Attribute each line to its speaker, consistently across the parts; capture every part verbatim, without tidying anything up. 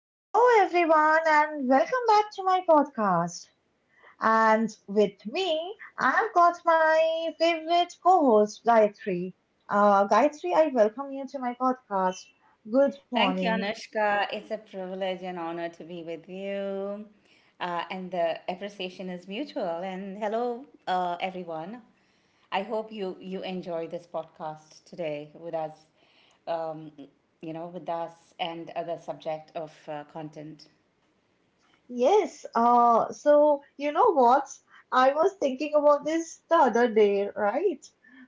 Speaker 1: Hello, everyone, and welcome back to my podcast. And with me, I've got my favorite co host, Gayatri. Uh, Gayatri, I welcome you to my podcast. Good
Speaker 2: Thank you,
Speaker 1: morning.
Speaker 2: Anushka. It's a privilege and honor to be with you. Uh, and the appreciation is mutual. And hello, uh, everyone. I hope you, you enjoy this podcast today with us, um, you know, with us and other subject of uh, content.
Speaker 1: Yes, uh, so you know what? I was thinking about this the other day, right?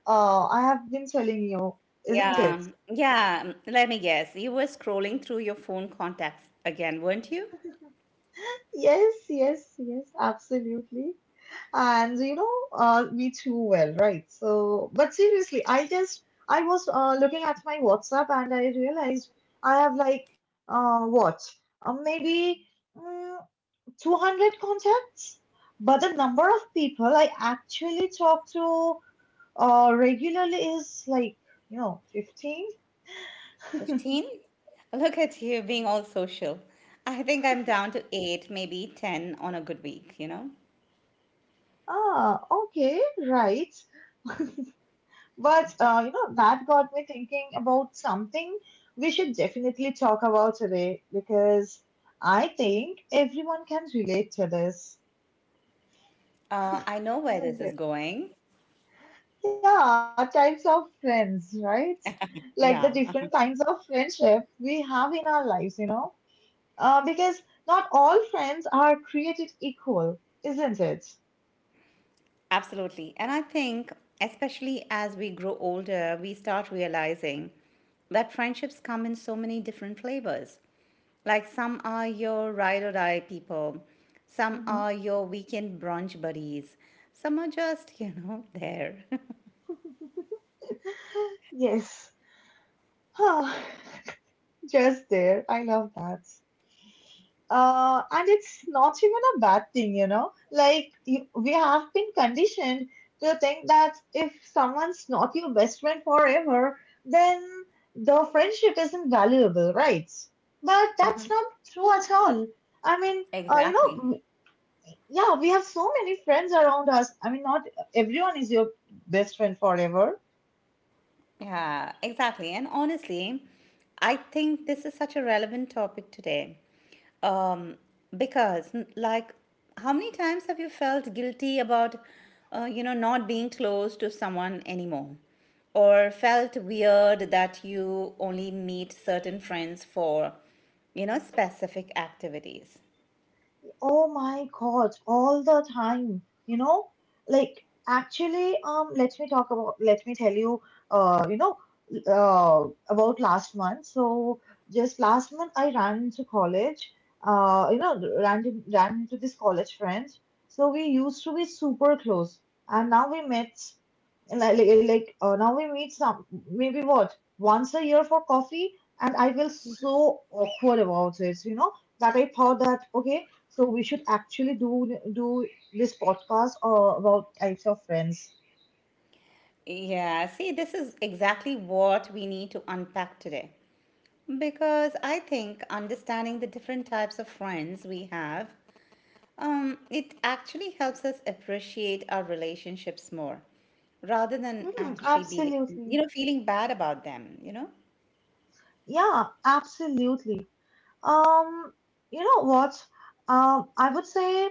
Speaker 1: Uh, I have been telling you, isn't
Speaker 2: Yeah,
Speaker 1: it?
Speaker 2: yeah. Let me guess. You were scrolling through your phone contacts again, weren't you?
Speaker 1: Yes, yes, yes, absolutely. And you know, uh, me too well, right? So, but seriously, I just I was uh, looking at my WhatsApp and I realized I have like uh, what uh, maybe mm, two hundred contacts, but the number of people I actually talk to uh, regularly is like you know fifteen.
Speaker 2: fifteen? Look at you being all social. I think I'm down to eight, maybe ten on a good week, you know?
Speaker 1: Ah, okay, right. But uh, you know, that got me thinking about something we should definitely talk about today because I think everyone can relate to this,
Speaker 2: Uh, I know where this
Speaker 1: isn't
Speaker 2: is
Speaker 1: it?
Speaker 2: going.
Speaker 1: Yeah, types of friends, right? Like the
Speaker 2: Yeah,
Speaker 1: different kinds of friendship we have in our lives, you know? Uh, because not all friends are created equal, isn't it?
Speaker 2: absolutely. And I think, especially as we grow older, we start realizing that friendships come in so many different flavors. Like some are your ride or die people, some
Speaker 1: Mhm.
Speaker 2: are your weekend brunch buddies, some are just, you know, there.
Speaker 1: Yes. Huh. Just there. I love that. Uh, and it's not even a bad thing, you know. Like you, we have been conditioned to think that if someone's not your best friend forever, then the friendship isn't valuable, right? But that's not true at all. I mean, uh, you know,
Speaker 2: Exactly.
Speaker 1: w- yeah, we have so many friends around us. I mean, not everyone is your best friend forever.
Speaker 2: Yeah, exactly. And honestly, I think this is such a relevant topic today. Um, because, n- like, how many times have you felt guilty about, uh, you know, not being close to someone anymore? Or felt weird that you only meet certain friends for, you know, specific activities?
Speaker 1: Oh my God, all the time, you know, like actually, um, let me talk about, let me tell you, uh, you know, uh, about last month. So just last month, I ran into college, uh, you know, ran to, ran into this college friend. So we used to be super close, and now we met, like, like, like, uh, now we meet some, maybe what, once a year for coffee, and I feel so awkward about it, you know that I thought that okay, so we should actually do do this podcast uh, about types of friends.
Speaker 2: Yeah, see, this is exactly what we need to unpack today. Because I think understanding the different types of friends we have, um, it actually helps us appreciate our relationships more, rather than
Speaker 1: Hmm,
Speaker 2: actually be,
Speaker 1: absolutely.
Speaker 2: you know, feeling bad about them. You know.
Speaker 1: Yeah, absolutely. Um, you know what? Um, I would say,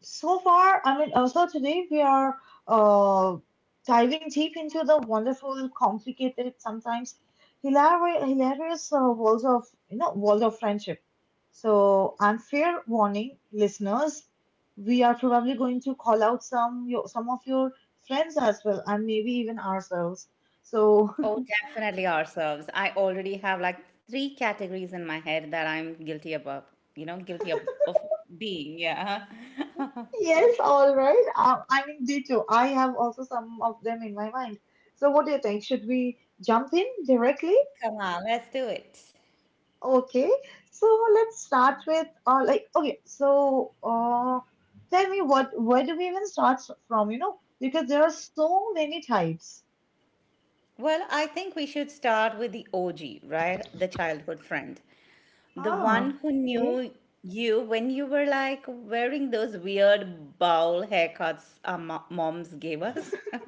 Speaker 1: so far, I mean, uh, so today we are uh, diving deep into the wonderful, complicated, sometimes hilarious, hilarious uh, worlds of you know world of friendship. So, and fair warning, listeners, we are probably going to call out some your, some of your friends as well, and maybe even ourselves. So,
Speaker 2: Oh, definitely ourselves. I already have like three categories in my head that I'm guilty about. You know, guilty of, of being. Yeah.
Speaker 1: yes, all right. Uh, I mean, they too. I have also some of them in my mind. So, what do you think? Should we jump in directly?
Speaker 2: Come on, let's do it.
Speaker 1: Okay, so let's start with uh, like okay, so uh, tell me what where do we even start from? You know, because there are so many types.
Speaker 2: Well, I think we should start with the O G, right? The childhood friend. The one
Speaker 1: Ah,
Speaker 2: who
Speaker 1: okay.
Speaker 2: knew you when you were like wearing those weird bowl haircuts our mo- moms gave us.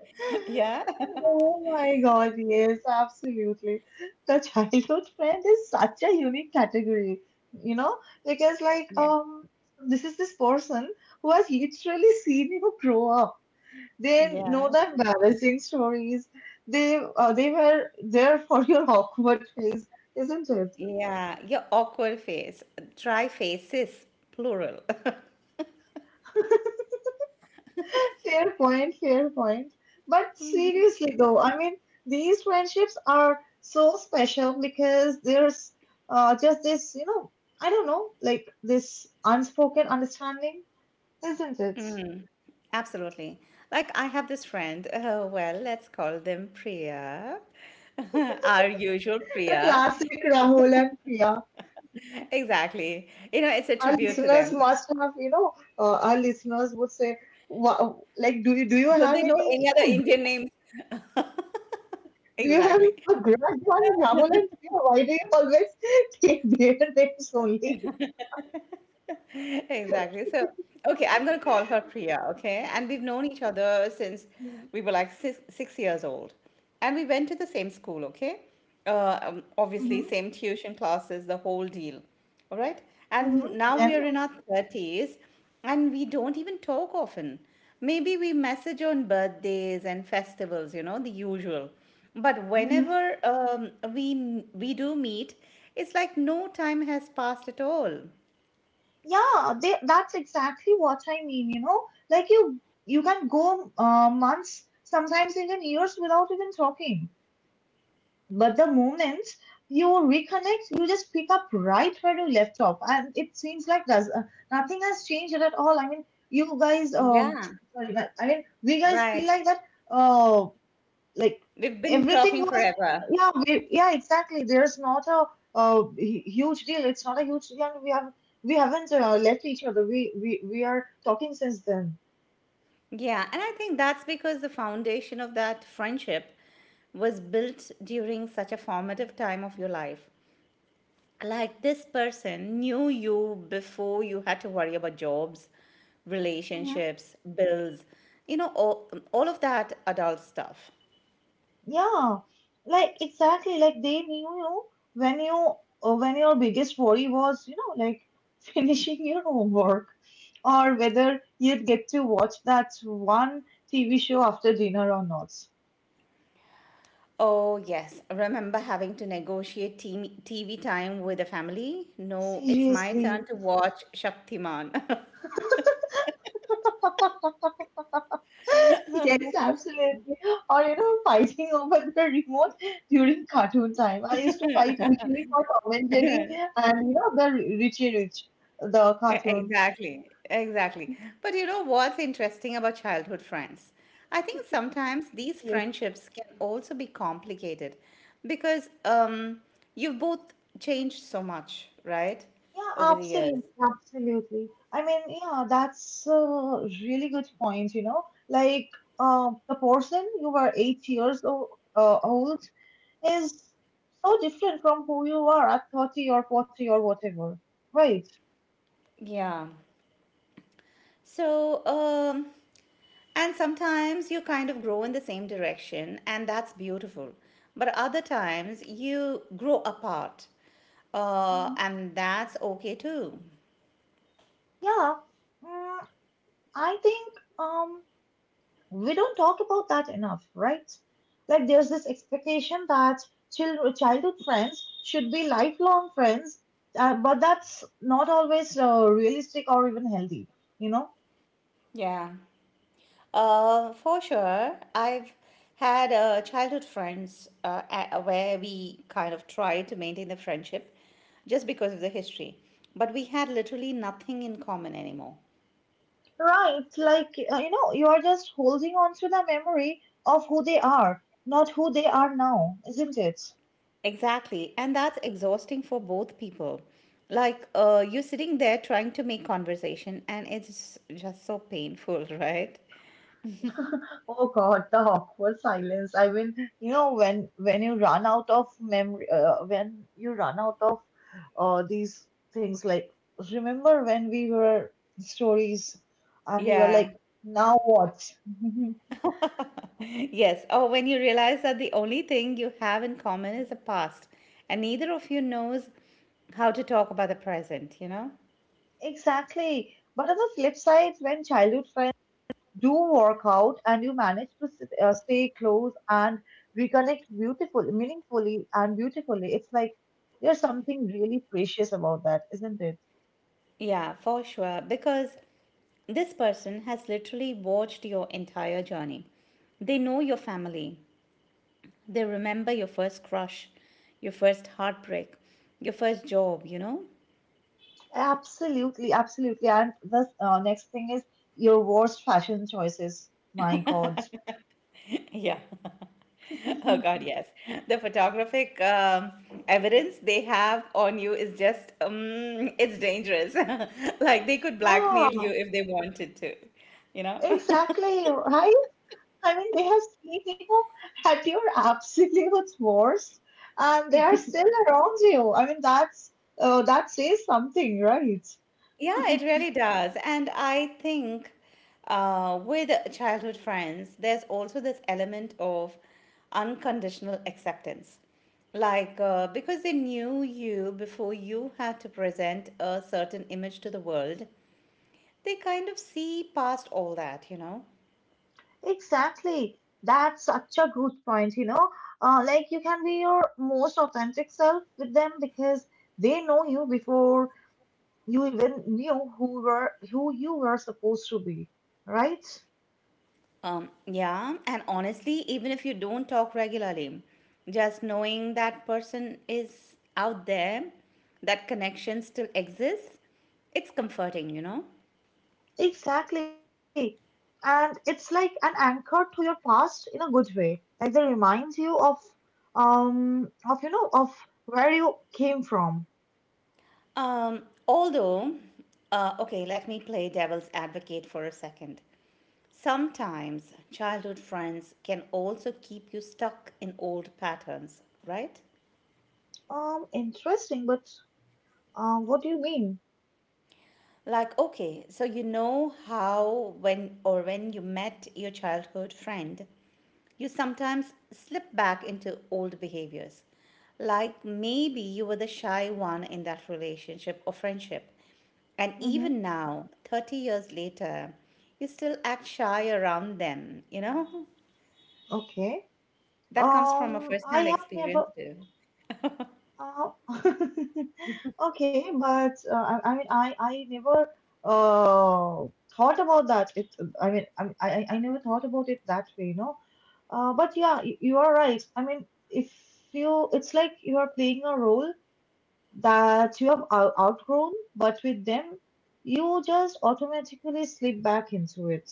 Speaker 2: Yeah.
Speaker 1: Oh my God, yes, absolutely. The childhood friend is such a unique category, you know, because like
Speaker 2: Yeah.
Speaker 1: um, this is this person who has literally seen you grow up. They know
Speaker 2: Yeah.
Speaker 1: the embarrassing stories. They uh, they were there for your awkward phase, isn't it?
Speaker 2: Yeah. Your awkward face, dry faces, plural.
Speaker 1: Fair point, fair point. But seriously though, I mean, these friendships are so special because there's uh, just this, you know, I don't know, like this unspoken understanding, isn't it?
Speaker 2: Absolutely. Like I have this friend, uh, well, let's call them Priya. Our usual
Speaker 1: The
Speaker 2: Priya.
Speaker 1: classic Rahul and Priya.
Speaker 2: Exactly. You know, it's a
Speaker 1: Our
Speaker 2: tribute to
Speaker 1: listeners
Speaker 2: them.
Speaker 1: must have, you know, uh, our listeners would say, wow, like, do you do you
Speaker 2: Don't
Speaker 1: have
Speaker 2: they know
Speaker 1: any,
Speaker 2: any
Speaker 1: you
Speaker 2: other
Speaker 1: know,
Speaker 2: Indian names?
Speaker 1: do you have
Speaker 2: Exactly.
Speaker 1: a grudge on Rahul? and Priya? Why do you always take their names only?
Speaker 2: Exactly. So, okay, I'm going to call her Priya, okay? And we've known each other since
Speaker 1: Mm-hmm.
Speaker 2: we were like six, six years old. And we went to the same school, okay? Uh, um, obviously, same tuition classes, the whole deal, all right?
Speaker 1: Mm-hmm.
Speaker 2: And now we
Speaker 1: Then,
Speaker 2: are in our thirties and we don't even talk often. Maybe we message on birthdays and festivals, you know, the usual. But
Speaker 1: mm-hmm.
Speaker 2: whenever um, we we do meet, it's like no time has passed at all.
Speaker 1: Yeah, they, that's exactly what I mean, you know. Like you you can go uh, months, sometimes even years without even talking. But the moment you reconnect, you just pick up right where you left off. And it seems like does uh, nothing has changed at all. I mean, you guys, um,
Speaker 2: Yeah.
Speaker 1: sorry, but I mean, we guys feel
Speaker 2: Right.
Speaker 1: like that. Uh, like
Speaker 2: We've been
Speaker 1: everything
Speaker 2: talking
Speaker 1: was,
Speaker 2: forever.
Speaker 1: yeah, we, yeah, exactly, there's not a, uh hu- huge deal. It's not a huge deal, and we have we haven't uh, left each other. We, we we are talking since then.
Speaker 2: Yeah, and I think that's because the foundation of that friendship was built during such a formative time of your life. Like this person knew you before you had to worry about jobs,
Speaker 1: Hmm,
Speaker 2: relationships, bills, you know, all, all of that adult stuff.
Speaker 1: yeah, like exactly like they knew you when you uh, when your biggest worry was, you know, like finishing your homework or whether you'd get to watch that one TV show after dinner or not.
Speaker 2: Oh, yes. Remember having to negotiate team, T V time with the family? No, it's my turn
Speaker 1: Seriously.
Speaker 2: to watch Shaktiman.
Speaker 1: Yes, absolutely. Or you know, fighting over the remote during cartoon time. I used to fight usually for Tom and Jerry and you know the Richie Rich, the
Speaker 2: E-
Speaker 1: cartoon.
Speaker 2: Exactly, exactly. But you know what's interesting about childhood friends? I think sometimes these
Speaker 1: Yes.
Speaker 2: friendships can also be complicated because um, you've both changed so much, right?
Speaker 1: Yeah,
Speaker 2: Over the years.
Speaker 1: absolutely, absolutely. I mean, yeah, that's a really good point, you know. Like uh, the person you were eight years old, uh, old is so different from who you are at thirty or forty or whatever. Right.
Speaker 2: Yeah. So, um, and sometimes you kind of grow in the same direction, and that's beautiful. But other times you grow apart, uh,
Speaker 1: Hmm.
Speaker 2: and that's okay too.
Speaker 1: Yeah. Mm, I think um, we don't talk about that enough, right? Like there's this expectation that children childhood friends should be lifelong friends, uh, but that's not always uh, realistic or even healthy, you know?
Speaker 2: Yeah. Uh, for sure. I've had uh, childhood friends uh, a- where we kind of tried to maintain the friendship just because of the history, but we had literally nothing in common anymore.
Speaker 1: Right, like, uh, you know, you are just holding on to the memory of who they are, not who they are now, isn't it?
Speaker 2: Exactly, and that's exhausting for both people. Like, uh, you're sitting there trying to make conversation, and it's just so painful, right?
Speaker 1: Oh God, the awkward silence. I mean, you know, when when you run out of memory, uh, when you run out of uh, these things, like remember when we were stories, and you were
Speaker 2: Yeah.
Speaker 1: like, now what?
Speaker 2: Yes, or when you realize that the only thing you have in common is the past, and neither of you knows how to talk about the present, you know?
Speaker 1: Exactly. But on the flip side, when childhood friends do work out and you manage to sit, uh, stay close and reconnect beautifully, meaningfully and beautifully, it's like there's something really precious about that, isn't it?
Speaker 2: Yeah, for sure. Because this person has literally watched your entire journey. They know your family, they remember your first crush, your first heartbreak, your first job, you know?
Speaker 1: Absolutely, absolutely. And the uh, next thing is your worst fashion choices. My God.
Speaker 2: Yeah. Oh God, yes. The photographic um, evidence they have on you is just, um, it's dangerous. Like they could blackmail you
Speaker 1: Wow!
Speaker 2: if they wanted to, you know?
Speaker 1: Exactly, right? I mean, they have seen you at your absolute worst, and they are still around you. I mean, that's uh, that says something, right?
Speaker 2: Yeah, it really does. And I think uh, with childhood friends, there's also this element of unconditional acceptance. Like, uh, because they knew you before you had to present a certain image to the world, they kind of see past all that, you know?
Speaker 1: Exactly. That's such a good point, you know. Uh, like you can be your most authentic self with them because they know you before you even knew who were who you were supposed to be, right?
Speaker 2: Um, yeah, and honestly, even if you don't talk regularly, just knowing that person is out there, that connection still exists, it's comforting, you know?
Speaker 1: Exactly. And it's like an anchor to your past in a good way, like they remind you of um of you know of where you came from.
Speaker 2: Um, although, uh, okay, let me play devil's advocate for a second. Sometimes childhood friends can also keep you stuck in old patterns, right?
Speaker 1: Um interesting, but uh, what do you mean?
Speaker 2: Like, okay, so you know how when or when you met your childhood friend, you sometimes slip back into old behaviors. Like maybe you were the shy one in that relationship or friendship. And
Speaker 1: Mm-hmm.
Speaker 2: even now, thirty years later, you still act shy around them, you know?
Speaker 1: Okay.
Speaker 2: That comes from a
Speaker 1: Um,
Speaker 2: first
Speaker 1: I
Speaker 2: hand
Speaker 1: have never.
Speaker 2: experience, too.
Speaker 1: Uh, okay, but uh, I, I mean, I I never uh thought about that. It. I mean, I I I I never thought about it that way, you know. Uh, but yeah, you, you are right. I mean, if you, it's like you are playing a role that you have out- outgrown, but with them, you just automatically slip back into it.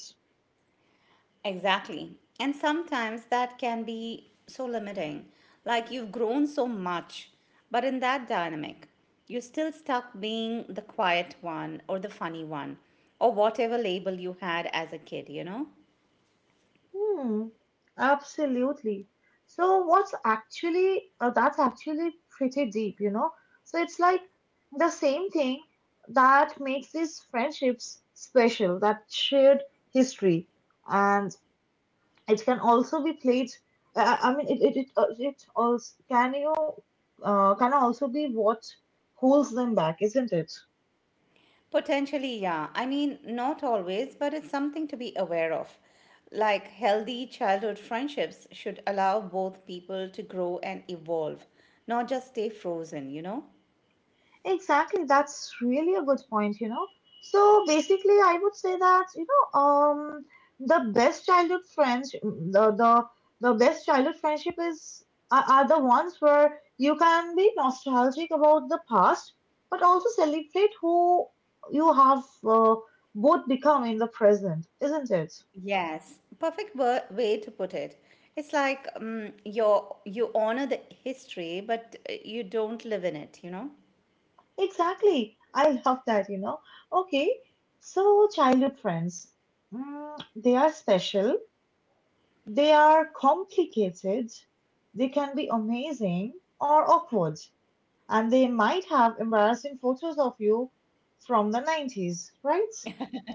Speaker 2: Exactly. And sometimes that can be so limiting. Like you've grown so much, but in that dynamic, you're still stuck being the quiet one or the funny one or whatever label you had as a kid, you know?
Speaker 1: Hmm, absolutely. So what's actually uh, that's actually pretty deep, you know. So it's like the same thing that makes these friendships special, that shared history, and it can also be played. Uh, I I mean, it it it, uh, it also can you uh, can also be what holds them back, isn't it?
Speaker 2: Potentially, yeah. I mean, not always, but it's something to be aware of. Like healthy childhood friendships should allow both people to grow and evolve, not just stay frozen, you know?
Speaker 1: Exactly, that's really a good point, you know. So basically, I would say that, you know, um, the best childhood friends, mm, the the the best childhood friendship is are, are the ones where you can be nostalgic about the past, but also celebrate who you have uh, both become in the present, isn't it?
Speaker 2: Yes, perfect wo- way to put it. It's like um, you're, you honor the history, but uh, you don't live in it, you know?
Speaker 1: Exactly. I love that, you know. Okay, so childhood friends, mm, they are special. They are complicated, they can be amazing or awkward, and they might have embarrassing photos of you from the nineties, right?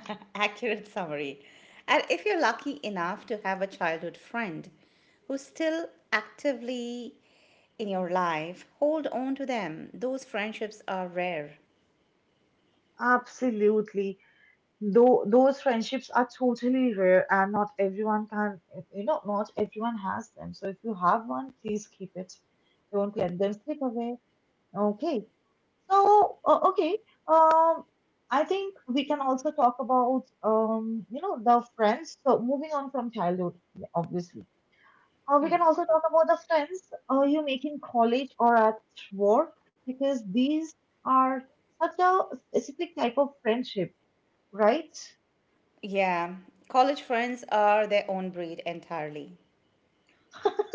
Speaker 2: Accurate summary. And if you're lucky enough to have a childhood friend who's still actively in your life, hold on to them. Those friendships are rare.
Speaker 1: Absolutely. Though those friendships are totally rare and not everyone can, you know, not everyone has them. So if you have one, please keep it. Don't let them slip away. Okay. So, uh, okay, um, I think we can also talk about, um, you know, the friends. So, moving on from childhood, obviously, uh, we can also talk about the friends uh, you make in college or at work because these are such a specific type of friendship, right?
Speaker 2: Yeah, college friends are their own breed entirely.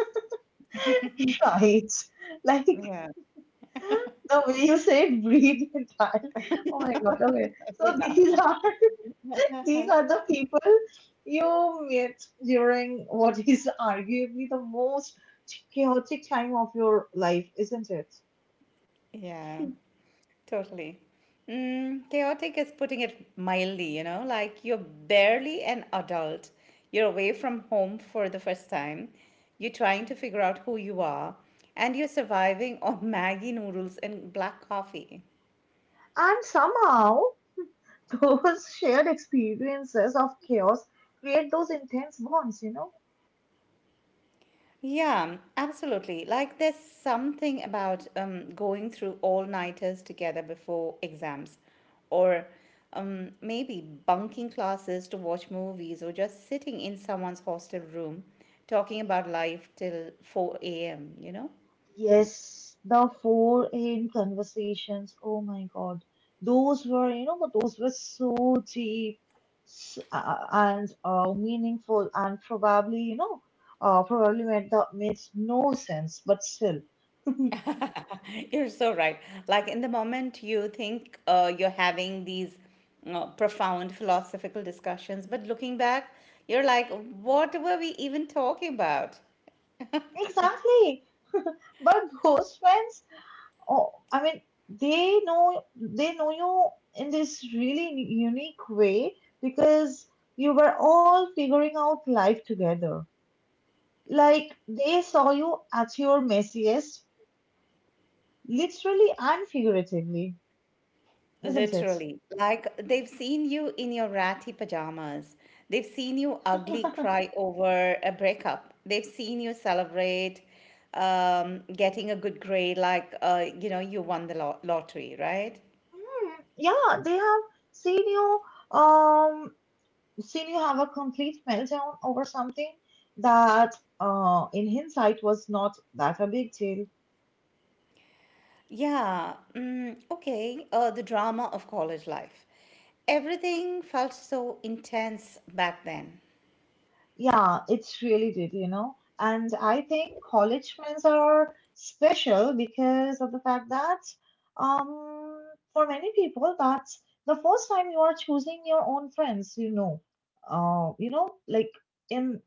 Speaker 1: Right. Like
Speaker 2: Yeah.
Speaker 1: the way you said breathe and die. Oh my God. Okay. So these are. These are the people you meet during what is arguably the most chaotic time of your life, isn't it?
Speaker 2: Yeah. Totally. Mm, chaotic is putting it mildly, you know, like you're barely an adult. You're away from home for the first time. You're trying to figure out who you are, and you're surviving on Maggie noodles and black coffee.
Speaker 1: And somehow, those shared experiences of chaos create those intense bonds, you know?
Speaker 2: Yeah, absolutely. Like there's something about um, going through all nighters together before exams, or um, maybe bunking classes to watch movies, or just sitting in someone's hostel room talking about life till four a m, you know?
Speaker 1: Yes, the four-hand conversations. Oh my God, those were you know but those were so deep, s- uh, and uh, meaningful, and probably you know uh, probably made the makes no sense, but still.
Speaker 2: You're so right. Like in the moment you think uh, you're having these uh, profound philosophical discussions, but looking back, you're like, what were we even talking about?
Speaker 1: Exactly. But those friends, oh, I mean, they know they know you in this really unique way because you were all figuring out life together. Like they saw you at your messiest, literally and figuratively, isn't it?
Speaker 2: Literally, like they've seen you in your ratty pajamas. They've seen you ugly cry over a breakup. They've seen you celebrate um, getting a good grade, like uh, you know you won the lo- lottery, right?
Speaker 1: Mm, yeah, they have seen you, um, seen you have a complete meltdown over something that, uh, in hindsight, was not that a big deal.
Speaker 2: Yeah. Mm, okay. Uh, the drama of college life. Everything felt so intense back then.
Speaker 1: Yeah, it's really did, you know. And I think college friends are special because of the fact that, um, for many people, that's the first time you are choosing your own friends, you know. Uh, you know, like in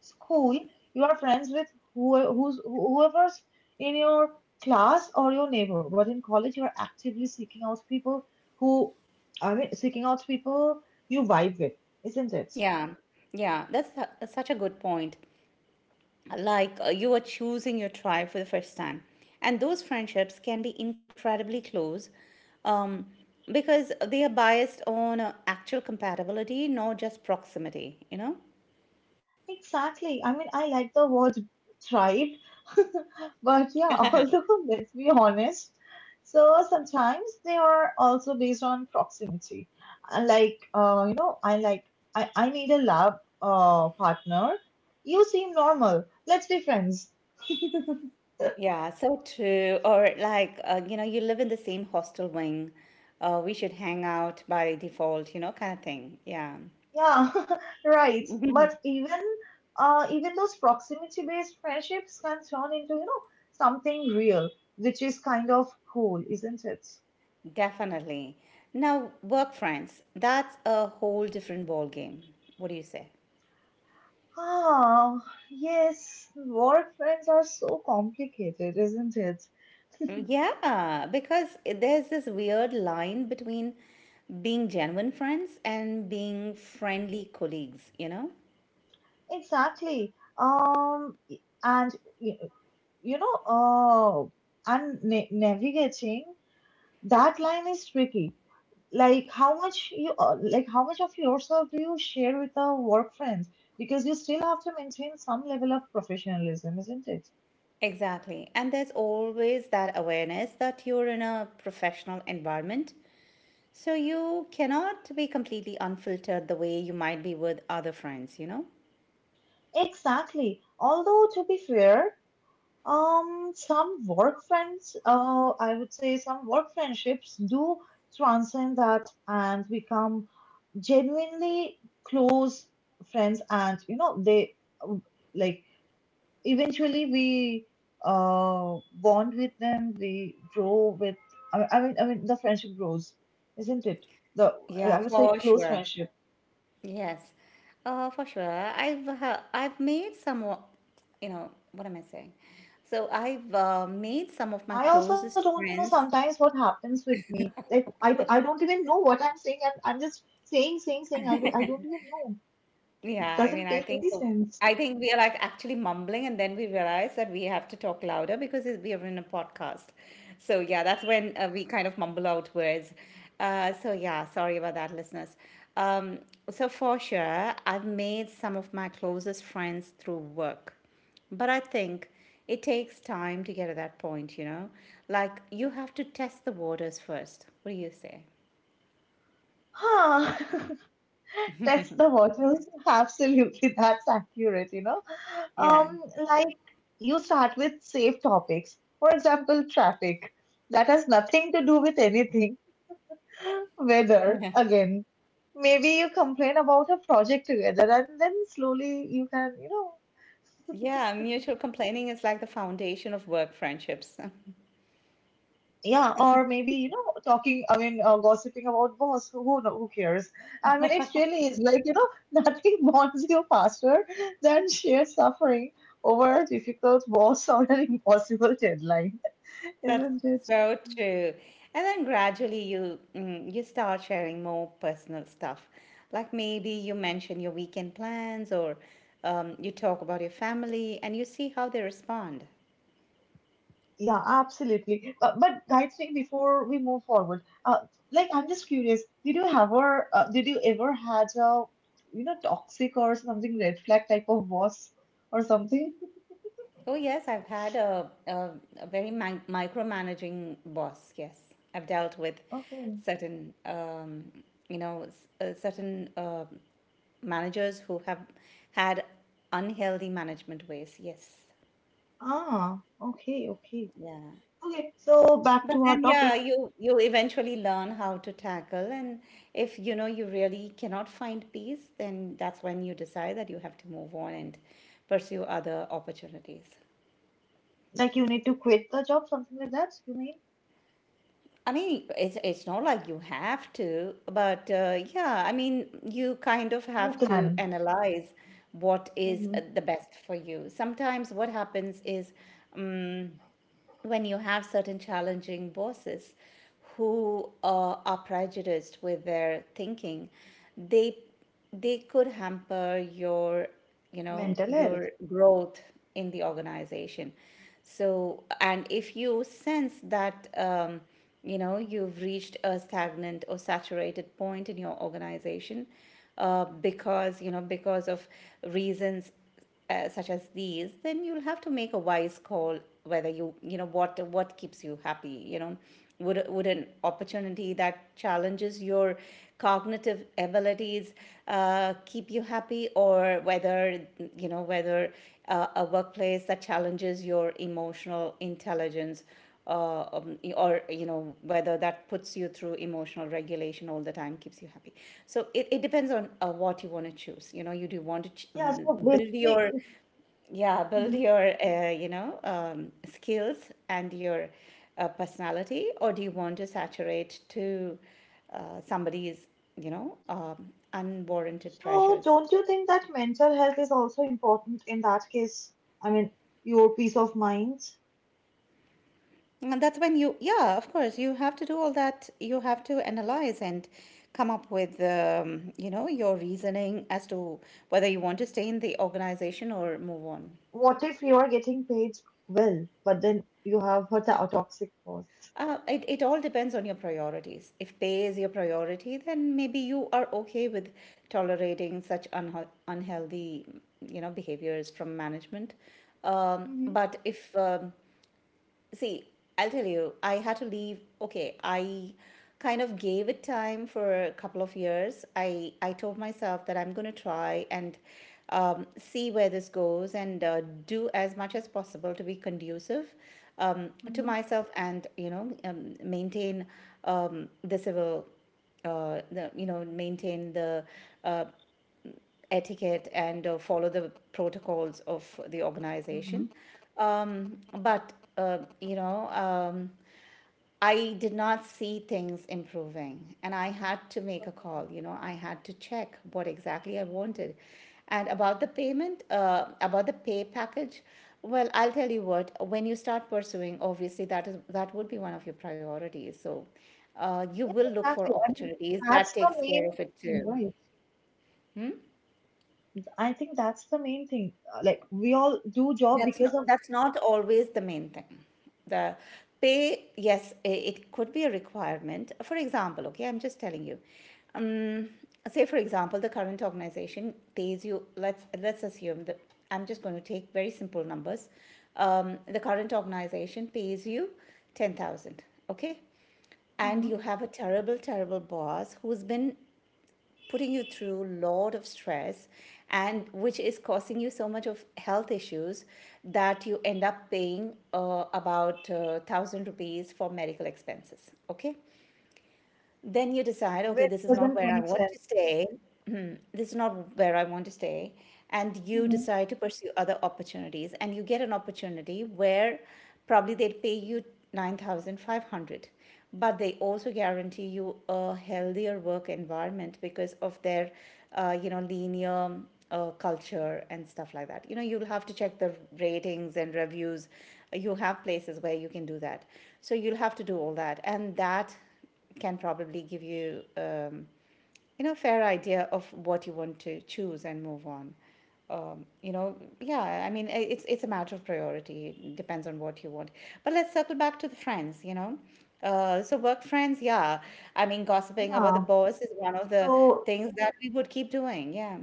Speaker 1: school, you are friends with who, who's, whoever's in your class or your neighbor, but in college, you are actively seeking out people who, I mean, seeking out people you vibe with, isn't it?
Speaker 2: Yeah, yeah, that's su- such a good point. Like uh, you are choosing your tribe for the first time and those friendships can be incredibly close um, because they are biased on uh, actual compatibility not just proximity you know
Speaker 1: Exactly. I mean, I like the word thrive, but yeah, although let's be honest, so sometimes they are also based on proximity. I like, uh, you know, I like, I, I need a lab uh, partner. You seem normal. Let's be friends.
Speaker 2: yeah so true or like uh, you know you live in the same hostel wing, uh, we should hang out by default, you know, kind of thing. Yeah,
Speaker 1: Yeah, right. But even uh, even those proximity-based friendships can turn into, you know, something real, which is kind of cool, isn't it?
Speaker 2: definitely. Now work friends, that's a whole different ball game. What do you say?
Speaker 1: Ah, yes, work friends are so complicated, isn't it?
Speaker 2: Yeah, because there's this weird line between being genuine friends and being friendly colleagues, you know?
Speaker 1: Exactly. Um, y- and y- you know, uh, and na- navigating that line is tricky. Like how much you, uh, like how much of yourself do you share with a work friend? Because you still have to maintain some level of professionalism, isn't it?
Speaker 2: Exactly. And there's always that awareness that you're in a professional environment. So you cannot be completely unfiltered the way you might be with other friends, you know?
Speaker 1: Exactly. Although to be fair, Um, some work friends, uh, I would say some work friendships do transcend that and become genuinely close friends. And, you know, they uh, like eventually we uh bond with them, we grow with, I, I mean, I mean, the friendship grows, isn't it? The,
Speaker 2: Yeah,
Speaker 1: I I would say
Speaker 2: for
Speaker 1: close
Speaker 2: sure.
Speaker 1: friendship.
Speaker 2: Yes, uh, for sure. I've uh, I've made some, o- you know, what am I saying? So I've uh, made some of my
Speaker 1: I also
Speaker 2: closest
Speaker 1: don't know
Speaker 2: friends.
Speaker 1: sometimes what happens with me. Like I, d- I don't even know what I'm saying. I'm, I'm just saying, saying, saying. I, do, I don't even know. It
Speaker 2: Yeah, I mean,
Speaker 1: doesn't
Speaker 2: I
Speaker 1: make any
Speaker 2: think
Speaker 1: sense.
Speaker 2: I think we are like actually mumbling, and then we realize that we have to talk louder because it- we are in a podcast. So yeah, that's when uh, we kind of mumble out words. Uh, so yeah, sorry about that, listeners. Um, so for sure, I've made some of my closest friends through work, but I think it takes time to get to that point. You know, like you have to test the waters first. What do you say?
Speaker 1: Huh. That's the bottles. Absolutely. That's accurate, you know.
Speaker 2: Yeah.
Speaker 1: Um, like you start with safe topics. For example, traffic. That has nothing to do with anything. Weather, again. Maybe you complain about a project together and then slowly you can, you know,
Speaker 2: Yeah, mutual complaining is like the foundation of work friendships.
Speaker 1: yeah, or maybe, you know, talking, I mean, uh, gossiping about boss, who, who, who cares? I mean, it really is like, you know, nothing bonds you faster than shared suffering over a difficult boss or an impossible deadline,
Speaker 2: That's
Speaker 1: isn't it?
Speaker 2: so true. And then gradually you mm, you start sharing more personal stuff. Like maybe you mention your weekend plans or um, you talk about your family and you see how they respond.
Speaker 1: Yeah, absolutely. But, but I think before we move forward, uh, like I'm just curious, did you ever, uh, did you ever had a, you know, toxic or something red flag type of boss or something?
Speaker 2: Oh, yes, I've had a, a, a very mi- micromanaging boss. Yes, I've dealt with
Speaker 1: Okay.
Speaker 2: certain, um, you know, s- uh, certain uh, managers who have had unhealthy management ways. Yes,
Speaker 1: Ah, okay, okay.
Speaker 2: yeah.
Speaker 1: Okay, so back
Speaker 2: But
Speaker 1: to our
Speaker 2: then, yeah,
Speaker 1: topic.
Speaker 2: you you eventually learn how to tackle, and if you know you really cannot find peace, then that's when you decide that you have to move on and pursue other opportunities.
Speaker 1: Like you need to quit the job, something like that, you mean?
Speaker 2: I mean, it's it's not like you have to, but uh, yeah, I mean, you kind of
Speaker 1: You
Speaker 2: have to
Speaker 1: can.
Speaker 2: analyze what is uh,
Speaker 1: Hmm.
Speaker 2: the best for you. Sometimes what happens is mm, when you have certain challenging bosses who uh, are prejudiced with their thinking, they they could hamper your you know
Speaker 1: Mental
Speaker 2: your
Speaker 1: health.
Speaker 2: growth in the organization. So and if you sense that um, you know you've reached a stagnant or saturated point in your organization uh, because you know because of reasons uh, such as these, then you'll have to make a wise call whether you you know what what keeps you happy, you know, would would an opportunity that challenges your cognitive abilities uh, keep you happy, or whether you know whether uh, a workplace that challenges your emotional intelligence uh, um, or you know whether that puts you through emotional regulation all the time keeps you happy. So it, it depends on uh, what you want to choose. You know, you do want to ch-
Speaker 1: Yeah,
Speaker 2: um,
Speaker 1: so
Speaker 2: build
Speaker 1: basically,
Speaker 2: your yeah build your uh, you know um, skills and your uh, personality, or do you want to saturate to uh, somebody's you know um, unwarranted
Speaker 1: so,
Speaker 2: pressures.
Speaker 1: don't you think that mental health is also important in that case? I mean, your peace of mind?
Speaker 2: And that's when you, yeah, of course, you have to do all that. You have to analyze and come up with, um, you know, your reasoning as to whether you want to stay in the organization or move on.
Speaker 1: What if you are getting paid well, but then you have a to- a toxic boss?
Speaker 2: Uh, it, it all depends on your priorities. If pay is your priority, then maybe you are okay with tolerating such unhe- unhealthy, you know, behaviors from management. Um,
Speaker 1: Mhm,
Speaker 2: but if um, see, I'll tell you, I had to leave. Okay, I kind of gave it time for a couple of years. I, I told myself that I'm going to try and um, see where this goes and uh, do as much as possible to be conducive um, to
Speaker 1: mhm,
Speaker 2: myself and, you know, um, maintain um, the civil uh, the you know maintain the uh, etiquette and uh, follow the protocols of the organization.
Speaker 1: mhm.
Speaker 2: Um, but, uh, you know, um, I did not see things improving and I had to make a call. You know, I had to check what exactly I wanted. And about the payment, uh, about the pay package, well, I'll tell you what, when you start pursuing, obviously that is that would be one of your priorities. So uh, you
Speaker 1: Yeah,
Speaker 2: will look for
Speaker 1: exactly. I mean,
Speaker 2: opportunities that
Speaker 1: that's the
Speaker 2: takes
Speaker 1: main
Speaker 2: care of it
Speaker 1: thing,
Speaker 2: too.
Speaker 1: right? I think that's the main thing. Uh, Like we all do job
Speaker 2: That's
Speaker 1: because
Speaker 2: not,
Speaker 1: of
Speaker 2: that's not always the main thing. The pay, yes, i- it could be a requirement. For example, okay, I'm just telling you. Um, say for example, the current organization pays you. Let's let's assume that I'm just going to take very simple numbers. Um, the current organization pays you ten thousand. Okay, and
Speaker 1: mhm,
Speaker 2: you have a terrible, terrible boss who's been putting you through a lot of stress and which is causing you so much of health issues that you end up paying uh, about uh, a thousand rupees for medical expenses. Okay, then you decide, okay,
Speaker 1: which
Speaker 2: this is not
Speaker 1: doesn't
Speaker 2: where I
Speaker 1: make
Speaker 2: want
Speaker 1: sense.
Speaker 2: to stay. Hmm. This is not where I want to stay. And you
Speaker 1: Mhm.
Speaker 2: decide to pursue other opportunities. And you get an opportunity where probably they'd pay you nine thousand five hundred, but they also guarantee you a healthier work environment because of their, uh, you know, linear uh, culture and stuff like that. You know, you'll have to check the ratings and reviews. You have places where you can do that. So you'll have to do all that. And that can probably give you um, you know fair idea of what you want to choose and move on. Um, you know, yeah, I mean, it's it's a matter of priority. It depends on what you want. But let's circle back to the friends. You know, uh, so work friends, yeah, I mean gossiping about the
Speaker 1: Yeah.
Speaker 2: boss is one of the
Speaker 1: So
Speaker 2: things that we would keep doing, yeah.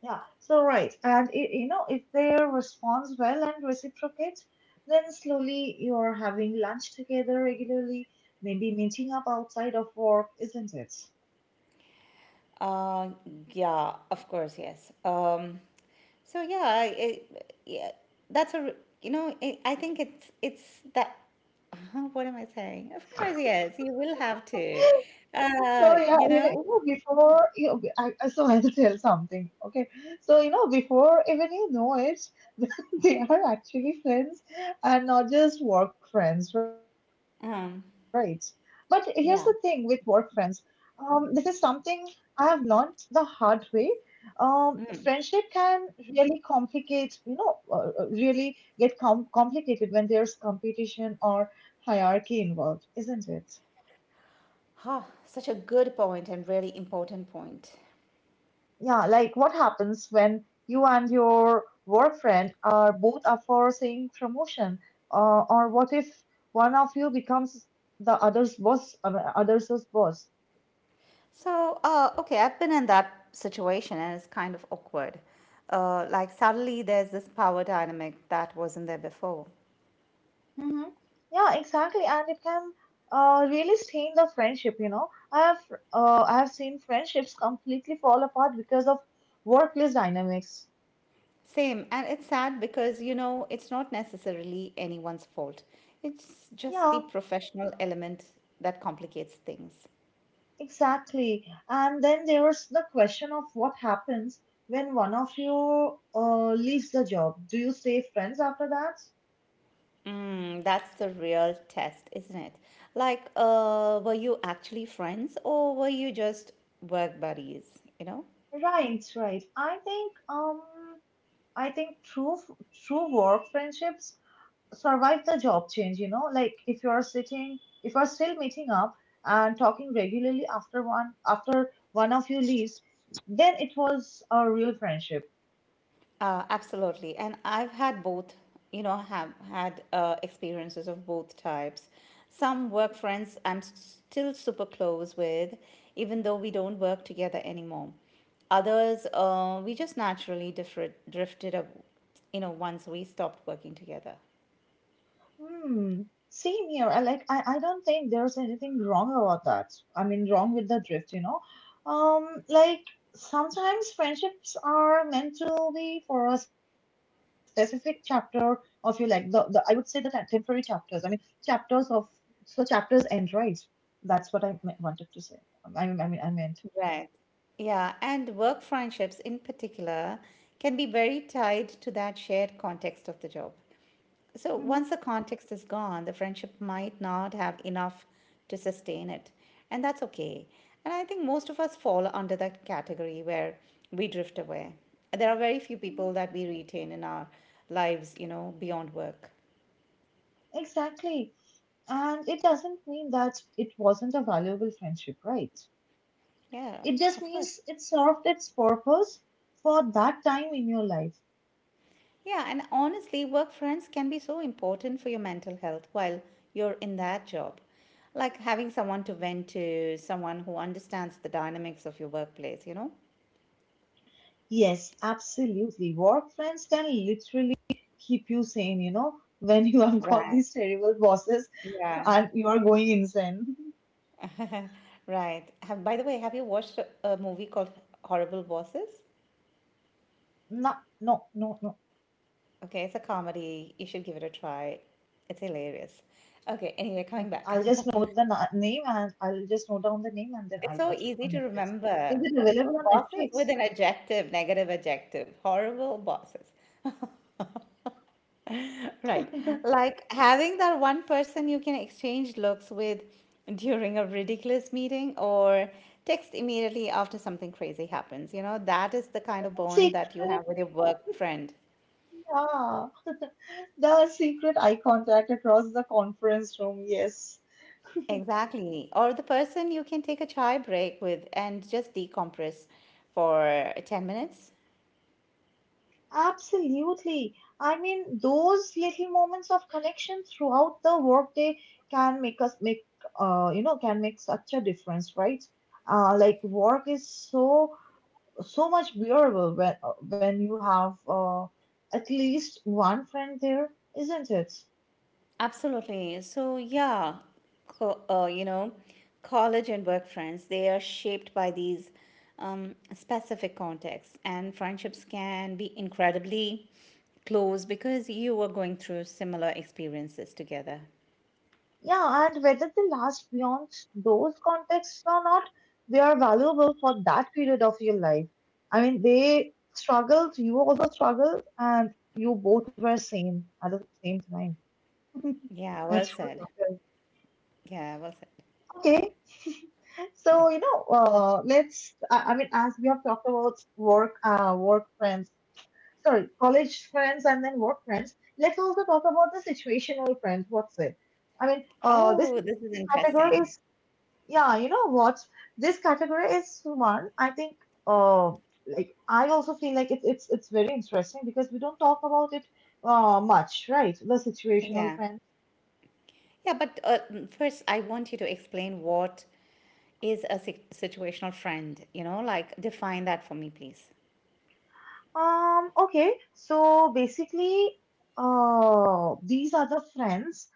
Speaker 1: yeah, so right. And it, you know, if they responds well and reciprocates, then slowly you're having lunch together regularly, maybe meeting up outside of work, isn't it?
Speaker 2: Uh, yeah, of course, yes. Um, so yeah, I it, yeah, that's a r- you know it, I think it's it's that. What am I saying? Of course, yes, you will have to.
Speaker 1: So
Speaker 2: Uh,
Speaker 1: yeah,
Speaker 2: you
Speaker 1: you know, you
Speaker 2: know.
Speaker 1: know, before you know, I, I- So I'll tell something. Okay, so you know, before even you know it, they are actually friends and not just work friends, right? But here's
Speaker 2: Um,
Speaker 1: the thing with work friends.
Speaker 2: yeah.
Speaker 1: Um, this is something I have learned the hard way. Um, Friendship can really complicate, you know, uh, uh, really get com complicated when there's competition or hierarchy involved, isn't it?
Speaker 2: Huh, such a good point and really important point.
Speaker 1: Yeah, like what happens when you and your work friend are both up for same promotion? Uh, or what if one of you becomes the other's boss, uh, other's boss?
Speaker 2: So, uh, okay, I've been in that situation and it's kind of awkward. Uh, like suddenly there's this power dynamic that wasn't there before.
Speaker 1: Hmm. Yeah, exactly, and it can uh, really stain the friendship. You know, I have uh, I have seen friendships completely fall apart because of workplace dynamics.
Speaker 2: Same. And it's sad because, you know, it's not necessarily anyone's fault. It's just the
Speaker 1: Yeah,
Speaker 2: professional element that complicates things.
Speaker 1: exactly. And then there's the question of what happens when one of you uh, leaves the job. Do you stay friends after that?
Speaker 2: Mm, that's the real test, isn't it? Like, uh, were you actually friends or were you just work buddies, you know?
Speaker 1: Right, right. I think um I think true f- true work friendships survive the job change, you know? Like if you're sitting if you're still meeting up and talking regularly after one after one of you leaves, then it was a real friendship.
Speaker 2: Uh, absolutely. And I've had both, you know, have had uh, experiences of both types. Some work friends I'm s- still super close with, even though we don't work together anymore. Others, uh, we just naturally differed, drifted up, you know, once we stopped working together.
Speaker 1: Hmm. Same here. I like I, I don't think there's anything wrong about that. I mean wrong with the drift, you know. Um like Sometimes friendships are meant to be for a specific chapter of your like the, the I would say that are temporary chapters. I mean chapters of So chapters end, right? That's what I me- wanted to say. I mean I mean I meant.
Speaker 2: Right. Yeah, and work friendships in particular can be very tied to that shared context of the job. So once
Speaker 1: Hmm.
Speaker 2: the context is gone, the friendship might not have enough to sustain it. And that's okay. And I think most of us fall under that category where we drift away. There are very few
Speaker 1: Hmm.
Speaker 2: people that we retain in our lives, you know, beyond work.
Speaker 1: Exactly. And it doesn't mean that it wasn't a valuable friendship, right?
Speaker 2: Yeah,
Speaker 1: It just
Speaker 2: of course.
Speaker 1: means it served its purpose for that time in your life.
Speaker 2: Yeah, and honestly, work friends can be so important for your mental health while you're in that job. Like having someone to vent to, someone who understands the dynamics of your workplace, you know?
Speaker 1: Yes, absolutely. Work friends can literally keep you sane, you know, when you have got
Speaker 2: Right.
Speaker 1: these terrible bosses
Speaker 2: Yeah.
Speaker 1: and you are going insane.
Speaker 2: Right. Have, by the way, have you watched a, a movie called Horrible Bosses?
Speaker 1: No, no, no, no.
Speaker 2: Okay, it's a comedy. You should give it a try. It's hilarious. Okay, anyway, coming
Speaker 1: Okay,
Speaker 2: back.
Speaker 1: I'll just note the na- name and I'll just note down the name and then
Speaker 2: It's
Speaker 1: I'll
Speaker 2: so
Speaker 1: watch it
Speaker 2: easy
Speaker 1: on
Speaker 2: to
Speaker 1: Netflix. Is
Speaker 2: remember.
Speaker 1: it available on
Speaker 2: Bosses
Speaker 1: Netflix?
Speaker 2: with an adjective, negative adjective. Horrible bosses. Right. Like having that one person you can exchange looks with during a ridiculous meeting or text immediately after something crazy happens. You know, that is the kind of bond that you
Speaker 1: Secret,
Speaker 2: have with your work friend.
Speaker 1: yeah. The secret eye contact across the conference room. Yes.
Speaker 2: Exactly. Or the person you can take a chai break with and just decompress for ten minutes.
Speaker 1: Absolutely. I mean, those little moments of connection throughout the workday can make us make, uh, you know, can make such a difference, right? Uh, like work is so so much bearable when uh, when you have uh, at least one friend there, isn't it?
Speaker 2: Absolutely. So, yeah, co- uh, you know, college and work friends, they are shaped by these um, specific contexts, and friendships can be incredibly close because you were going through similar experiences together.
Speaker 1: Yeah, and whether they last beyond those contexts or not, they are valuable for that period of your life. I mean, they struggled, you also struggled, and you both were same at the same time.
Speaker 2: Yeah, well
Speaker 1: That's what
Speaker 2: said.
Speaker 1: matters.
Speaker 2: Yeah, well said.
Speaker 1: Okay, so you know, uh, let's. I, I mean, as we have talked about work, uh, work friends, sorry, college friends, and then work friends. Let's also talk about the situational friends. What's it? I mean, uh, this,
Speaker 2: Oh, this is
Speaker 1: this category
Speaker 2: interesting.
Speaker 1: is yeah, you know what? This category is one I think uh like I also feel like it's it's it's very interesting because we don't talk about it uh much, right? The situational
Speaker 2: Yeah.
Speaker 1: friends.
Speaker 2: Yeah, but uh, mm, first, I want you to explain what is a si- situational friend. You know, like define that for me, please.
Speaker 1: Um, okay, so basically uh these are the friends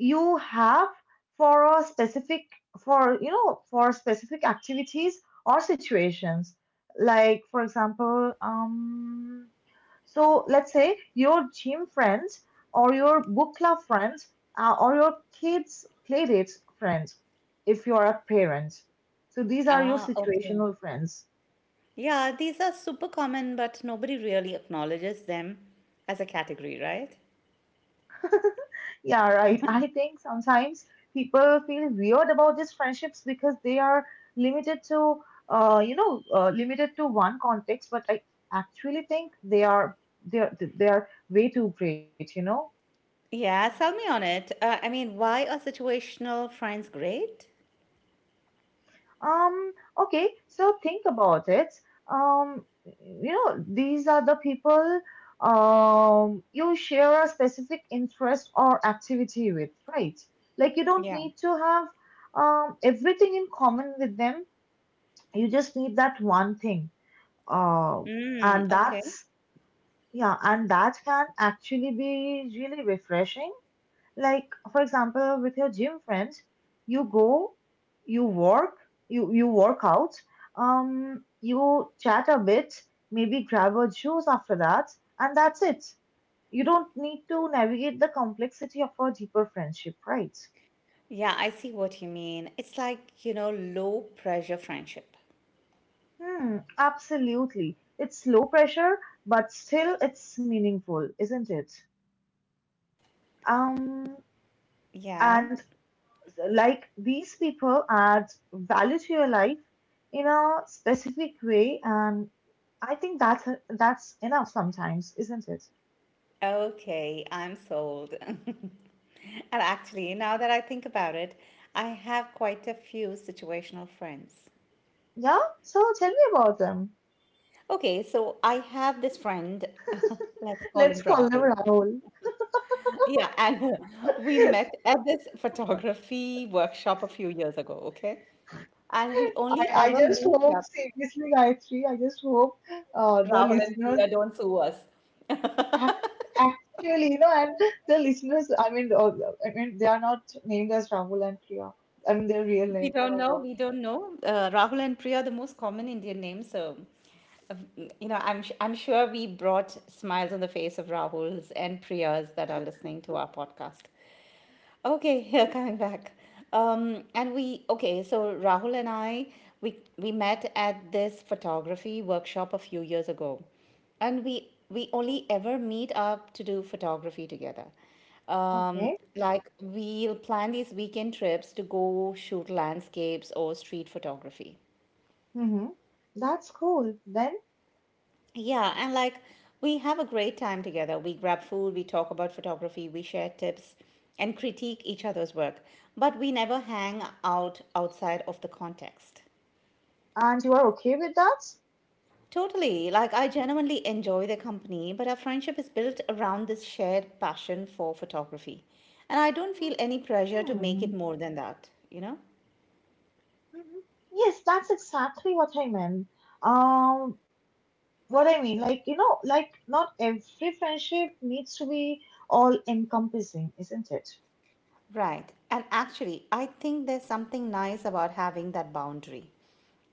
Speaker 1: you have for a specific, for you know, for specific activities or situations. Like for example, um so let's say your gym friends or your book club friends uh, or your kids' playdates friends, if you are a parent. So these are your
Speaker 2: Ah, okay.
Speaker 1: situational friends.
Speaker 2: Yeah, these are super common, but nobody really acknowledges them as a category, right?
Speaker 1: Yeah, right. I think sometimes people feel weird about these friendships because they are limited to, uh, you know, uh, limited to one context. But I actually think they are they are they are way too great. You know.
Speaker 2: Yeah, sell me on it. Uh, I mean, why are situational friends great?
Speaker 1: Um, okay, so think about it. Um, you know, these are the people um you share a specific interest or activity with, right? Like you don't
Speaker 2: Yeah.
Speaker 1: need to have um everything in common with them. You just need that one thing. Uh,
Speaker 2: Mm,
Speaker 1: and
Speaker 2: okay.
Speaker 1: that's Yeah, and that can actually be really refreshing like, for example, with your gym friends, you go, you work, you, you work out, um, you chat a bit, maybe grab a juice after that, and that's it. You don't need to navigate the complexity of a deeper friendship, right?
Speaker 2: Yeah, I see what you mean. It's like, you know, low pressure friendship.
Speaker 1: Hmm, absolutely. It's low pressure, but still it's meaningful, isn't it? Um,
Speaker 2: Yeah.
Speaker 1: and Like these people add value to your life in a specific way, and I think that's that's enough sometimes, isn't it?
Speaker 2: Okay, I'm sold. And actually, now that I think about it, I have quite a few situational friends.
Speaker 1: Yeah. So tell me about them.
Speaker 2: Okay, so I have this friend, let's call him
Speaker 1: Let's call them
Speaker 2: Rahul.
Speaker 1: Rahul.
Speaker 2: Yeah, and we met at this photography workshop a few years ago, okay? And we
Speaker 1: I,
Speaker 2: only
Speaker 1: I
Speaker 2: ever
Speaker 1: just
Speaker 2: meet
Speaker 1: hope
Speaker 2: up.
Speaker 1: seriously, Gayatri. I just hope uh, the
Speaker 2: Rahul and
Speaker 1: listeners
Speaker 2: Priya, don't sue us.
Speaker 1: act, actually, you know, and the listeners. I mean, uh, I mean, they are not named as Rahul and Priya. I mean, their real
Speaker 2: We
Speaker 1: name. Oh
Speaker 2: don't
Speaker 1: my
Speaker 2: know.
Speaker 1: God.
Speaker 2: We don't know. Uh, Rahul and Priya are the most common Indian names, so uh, you know, I'm sh- I'm sure we brought smiles on the face of Rahul's and Priya's that are listening to our podcast. Okay, here coming back. Um, and we okay, so Rahul and I we we met at this photography workshop a few years ago, and we we only ever meet up to do photography together. Um,
Speaker 1: Okay.
Speaker 2: like we'll plan these weekend trips to go shoot landscapes or street photography.
Speaker 1: Mm-hmm. That's cool. Then,
Speaker 2: Yeah, and like we have a great time together. We grab food, we talk about photography, we share tips and critique each other's work, but we never hang out outside of the context.
Speaker 1: and you are okay with that?
Speaker 2: Totally. Like I genuinely enjoy their company, but our friendship is built around this shared passion for photography. And I don't feel any
Speaker 1: Hmm.
Speaker 2: pressure to make it more than that, you know?
Speaker 1: Mhm. Yes, that's exactly what I meant. Um, what I mean, like, you know, like not every friendship needs to be all encompassing, isn't it?
Speaker 2: Right. And actually, I think there's something nice about having that boundary.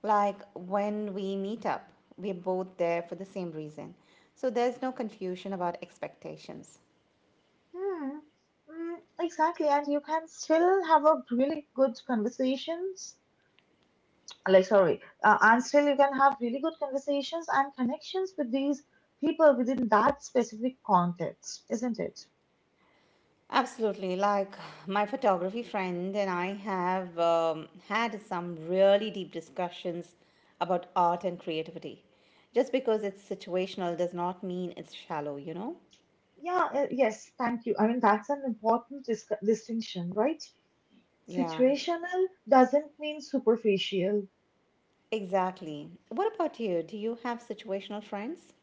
Speaker 2: Like when we meet up, we're both there for the same reason. So there's no confusion about expectations.
Speaker 1: Hmm. Mm, exactly, and you can still have a really good conversations. Like, sorry, uh, and still you can have really good conversations and connections with these people within that specific context, isn't it?
Speaker 2: Absolutely. Like my photography friend and I have um, had some really deep discussions about art and creativity. Just because it's situational does not mean it's shallow, you know?
Speaker 1: Yeah, uh, yes, thank you. I mean, that's an important dis distinction, right?
Speaker 2: Yeah,
Speaker 1: Situational doesn't mean superficial.
Speaker 2: exactly. What about you? Do you have situational friends?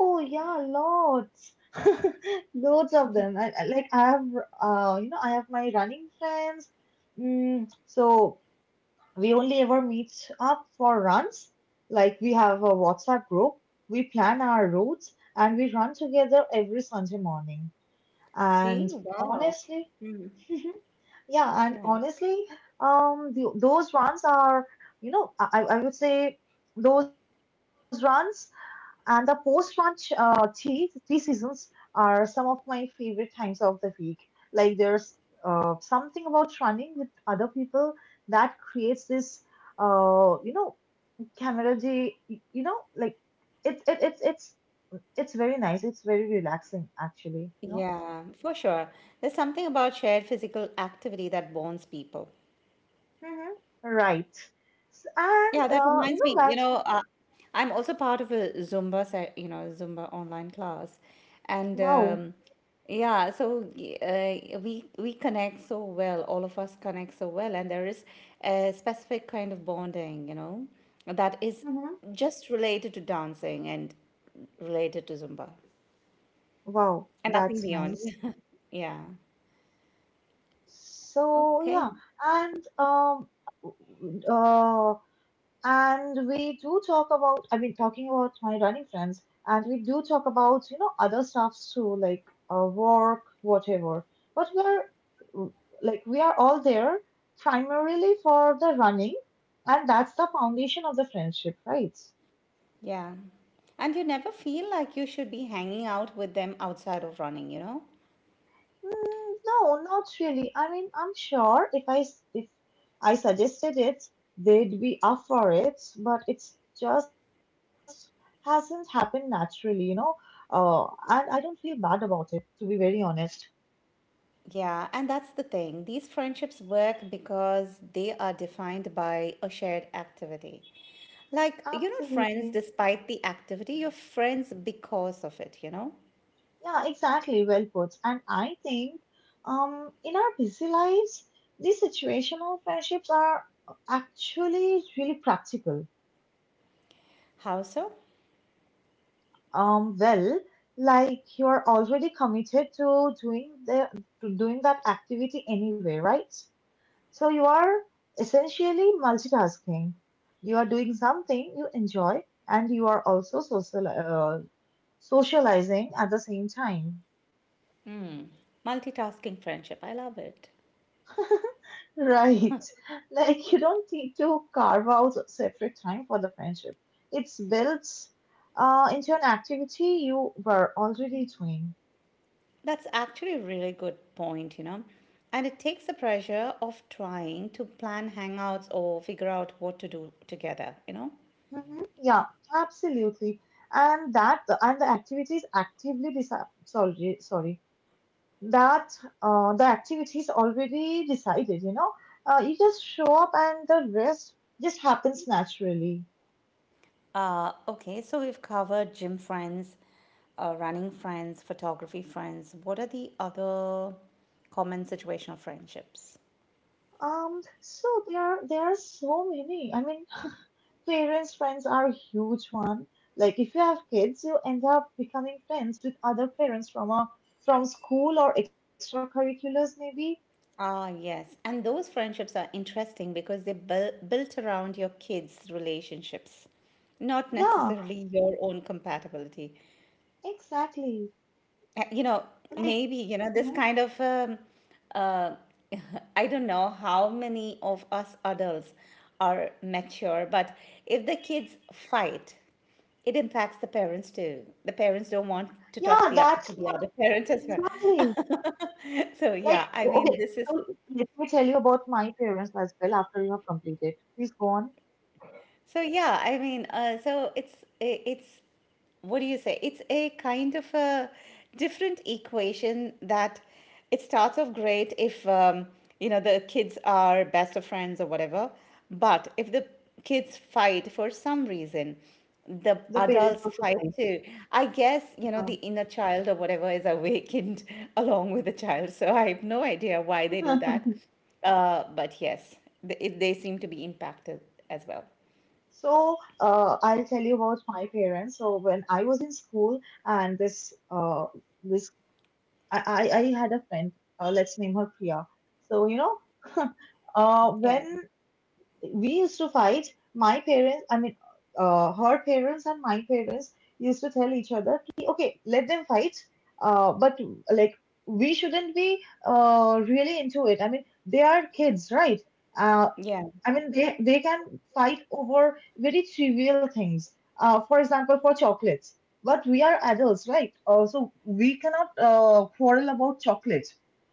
Speaker 1: Oh yeah, lots, loads of them. I, I- like I have, uh, you know, I have my running friends. Mm, so we only ever meet up for runs. Like we have a WhatsApp group. We plan our routes and we run together every Sunday morning. And
Speaker 2: See? Wow.
Speaker 1: honestly,
Speaker 2: Mm.
Speaker 1: yeah, and
Speaker 2: Yeah.
Speaker 1: honestly, um, the, those runs are, you know, I, I I would say those runs and the post run uh, tea, tea seasons are some of my favorite times of the week. Like there's uh, something about running with other people that creates this, uh, you know, camaraderie. y- You know, like it's it, it's it's it's very nice. It's very relaxing, actually. You know.
Speaker 2: Yeah, for sure. There's something about shared physical activity that bonds people.
Speaker 1: Mm-hmm. Right. S- And
Speaker 2: Yeah, that
Speaker 1: uh, you
Speaker 2: reminds
Speaker 1: know,
Speaker 2: me, you
Speaker 1: guys,
Speaker 2: know, uh, I'm also part of a Zumba, se- you know, Zumba online class. And
Speaker 1: wow.
Speaker 2: um, yeah, so y- uh, we we connect so well, all of us connect so well, and there is a specific kind of bonding, you know, that is
Speaker 1: Mm-hmm.
Speaker 2: just related to dancing and related to Zumba.
Speaker 1: Wow,
Speaker 2: And nothing
Speaker 1: that's
Speaker 2: beyond.
Speaker 1: nice.
Speaker 2: Yeah.
Speaker 1: So
Speaker 2: Okay.
Speaker 1: yeah, and um, uh, and we do talk about. I mean, talking about my running friends, and we do talk about you know other stuffs too, like uh, work, whatever. But we're like we are all there primarily for the running, and that's the foundation of the friendship, right?
Speaker 2: Yeah. And you never feel like you should be hanging out with them outside of running, you know?
Speaker 1: Mm, no, not really. I mean, I'm sure if I s- if I suggested it, they'd be up for it, but it's just hasn't happened naturally, you know. Uh, and I don't feel bad about it, to be very honest.
Speaker 2: Yeah. And that's the thing. These friendships work because they are defined by a shared activity. Like, you're not friends
Speaker 1: Absolutely.
Speaker 2: despite the activity, you're friends because of it, you know?
Speaker 1: Yeah, exactly. Well put. And I think, um, in our busy lives, these situational friendships are actually really practical.
Speaker 2: How so?
Speaker 1: Um, well, like you're already committed to doing the to doing that activity anyway, right? So you are essentially multitasking. You are doing something you enjoy, and you are also social uh, socializing at the same time.
Speaker 2: Multitasking friendship. I love it.
Speaker 1: Right. Like you don't need to carve out separate time for the friendship. It's built uh, into an activity you were already doing.
Speaker 2: That's actually a really good point, you know. And it takes the pressure off trying to plan hangouts or figure out what to do together, you know.
Speaker 1: Mhm. Yeah, absolutely. And that and the activities actively decide. Sorry, sorry. That uh, the activities already decided. You know, uh, you just show up and the rest just happens naturally.
Speaker 2: Uh, okay, so we've covered gym friends, uh, running friends, photography friends. What are the other common situational friendships?
Speaker 1: Um. So there, there are so many. I mean, parents' friends are a huge one. Like if you have kids, you end up becoming friends with other parents from a from school or extracurriculars, maybe.
Speaker 2: Ah, yes. And those friendships are interesting because they're buil- built around your kids' relationships, not
Speaker 1: Yeah,
Speaker 2: necessarily your own compatibility.
Speaker 1: exactly.
Speaker 2: Uh, you know
Speaker 1: Like.
Speaker 2: maybe you know this
Speaker 1: Mm-hmm.
Speaker 2: kind of um, uh, I don't know how many of us adults are mature, but if the kids fight, it impacts the parents too. The parents don't want to talk
Speaker 1: Yeah,
Speaker 2: the, to
Speaker 1: that's
Speaker 2: the
Speaker 1: what
Speaker 2: other parent as
Speaker 1: exactly.
Speaker 2: well. So
Speaker 1: Like,
Speaker 2: yeah, I mean,
Speaker 1: okay,
Speaker 2: this is.
Speaker 1: so let me tell you about my parents as well after you have completed. Please go on.
Speaker 2: So yeah, I mean, uh, so it's i- it's what do you say? It's a kind of a different equation that it starts off great if, um, you know, the kids are best of friends or whatever, but if the kids fight for some reason, the
Speaker 1: The parents
Speaker 2: adults
Speaker 1: are
Speaker 2: fight
Speaker 1: surprised.
Speaker 2: too. I guess you know the inner child or whatever is awakened along with the child. So I have no idea why they do
Speaker 1: Yeah.
Speaker 2: that, uh, but yes, they, they seem to be impacted as well.
Speaker 1: So, uh, I'll tell you about my parents. So, when I was in school, and this, uh, this, I, I, I had a friend. Uh, let's name her Priya. So, you know, uh,
Speaker 2: Yeah,
Speaker 1: when we used to fight. My parents, I mean, uh, her parents and my parents used to tell each other, "Ki, okay, let them fight, uh, but like we shouldn't be uh, really into it. I mean, they are kids, right? Uh,
Speaker 2: yeah,
Speaker 1: I mean, they they can fight over very trivial things. Uh, for example, for chocolates. But we are adults, right? Uh, so we cannot uh, quarrel about chocolate,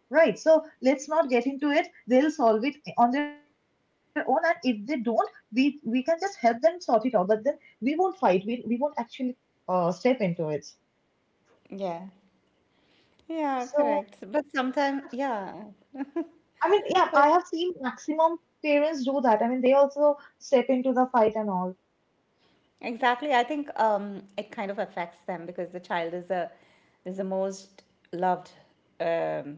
Speaker 1: right? So let's not get into it. They'll solve it on their own, and if they don't, we we can just help them sort it out. But then we won't fight. We we won't actually uh, step into it.
Speaker 2: yeah, yeah,
Speaker 1: So,
Speaker 2: correct. But sometimes, yeah,
Speaker 1: I mean, yeah,
Speaker 2: but
Speaker 1: I have seen maximum parents do that. I mean, they also step into the fight and all.
Speaker 2: exactly. I think, um, it kind of affects them because the child is a is the most loved. Um,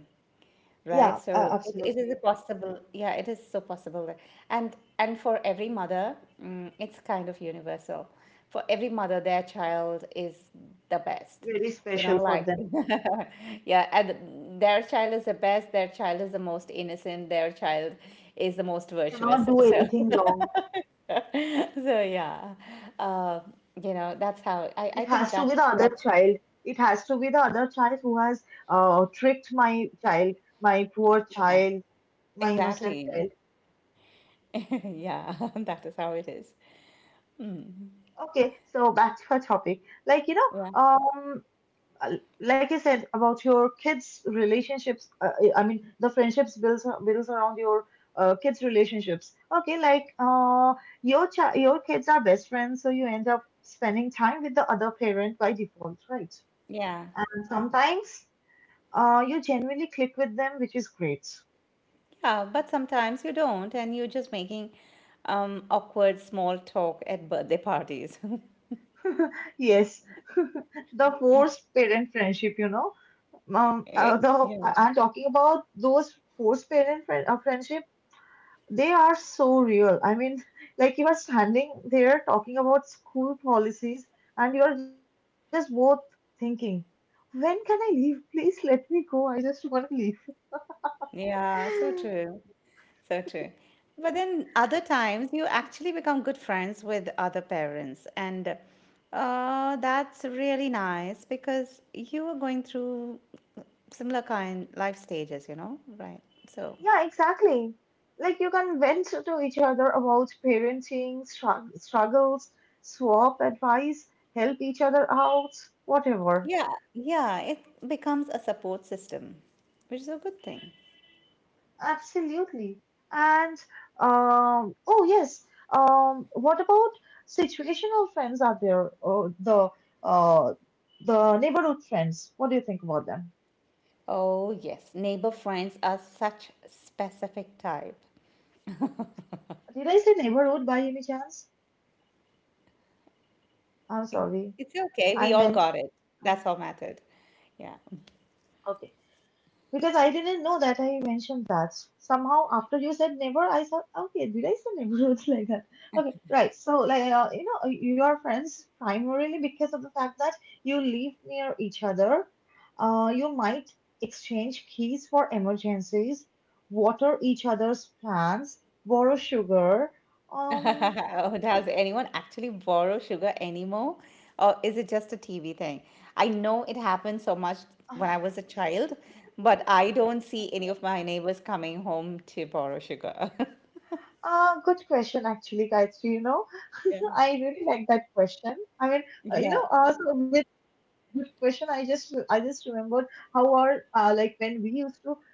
Speaker 2: right,
Speaker 1: Yeah, uh,
Speaker 2: so it, it is a
Speaker 1: absolutely.
Speaker 2: possible, yeah, it is so possible that- and and for every mother, mm, it's kind of universal. For every mother, their child is the best.
Speaker 1: Very
Speaker 2: you know
Speaker 1: special for
Speaker 2: like
Speaker 1: them.
Speaker 2: yeah, and their child is the best, their child is the most innocent, their child is the most
Speaker 1: Cannot
Speaker 2: virtuous,
Speaker 1: do
Speaker 2: so
Speaker 1: anything wrong.
Speaker 2: so yeah, uh, you know that's how i
Speaker 1: It
Speaker 2: i think
Speaker 1: has to be
Speaker 2: that
Speaker 1: the other
Speaker 2: that's.
Speaker 1: child. It has to be the other child who has uh, tricked my child, my poor
Speaker 2: Yeah,
Speaker 1: child, my innocent
Speaker 2: exactly.
Speaker 1: child.
Speaker 2: Yeah. That is how it is.
Speaker 1: Okay, so back to our topic. Like you know,
Speaker 2: Yeah,
Speaker 1: um, uh, like I said about your kids' relationships. Uh, I mean, the friendships builds builds around your uh, kids' relationships. Okay, like uh, your child, your kids are best friends, so you end up spending time with the other parent by default, right?
Speaker 2: yeah.
Speaker 1: And sometimes uh, you genuinely click with them, which is great.
Speaker 2: Yeah, but sometimes you don't, and you're just making, um, awkward small talk at birthday parties.
Speaker 1: Yes, the forced parent friendship, you know. Um, uh,
Speaker 2: Eh,
Speaker 1: the, I-
Speaker 2: yeah.
Speaker 1: I'm talking about those forced parent friend, uh, friendship. They are so real. I mean, like you are standing there talking about school policies, and you are just both thinking, when can I leave? Please let me go. I just want to leave.
Speaker 2: Yeah, so true. So true. But then other times you actually become good friends with other parents, and uh, that's really nice because you are going through similar kind life stages, you know, right? So,
Speaker 1: Yeah, exactly. Like you can vent to each other about parenting, strugg struggles, swap advice, help each other out, whatever.
Speaker 2: yeah, yeah, it becomes a support system, which is a good thing.
Speaker 1: Absolutely. And um, oh yes. Um, what about situational friends out there? Or the uh, the neighborhood friends. What do you think about them?
Speaker 2: Oh, yes. Neighbor friends are such specific type.
Speaker 1: Did I say neighborhood by any chance? I'm sorry.
Speaker 2: It's okay.
Speaker 1: I
Speaker 2: We all
Speaker 1: meant.
Speaker 2: got it.
Speaker 1: uh,
Speaker 2: That's all mattered. Yeah.
Speaker 1: Okay. Because I didn't know that I mentioned that. Somehow, after you said neighbor, I thought, okay, did I say neighborhoods like that? Okay, right. So, like, uh, you know, uh, you are friends primarily because of the fact that you live near each other. Uh, you might exchange keys for emergencies, water each other's plants, borrow sugar. Um,
Speaker 2: Does anyone actually borrow sugar anymore? Or is it just a T V thing? I know it happened so much when I was a child, but I don't see any of my neighbors coming home to borrow sugar.
Speaker 1: Ah, good question, actually, Gayatri. You know,
Speaker 2: Yeah.
Speaker 1: I really like that question. I mean, uh, you
Speaker 2: Yeah.
Speaker 1: know, uh, so with this question, I just I just remembered how our uh, like when we used to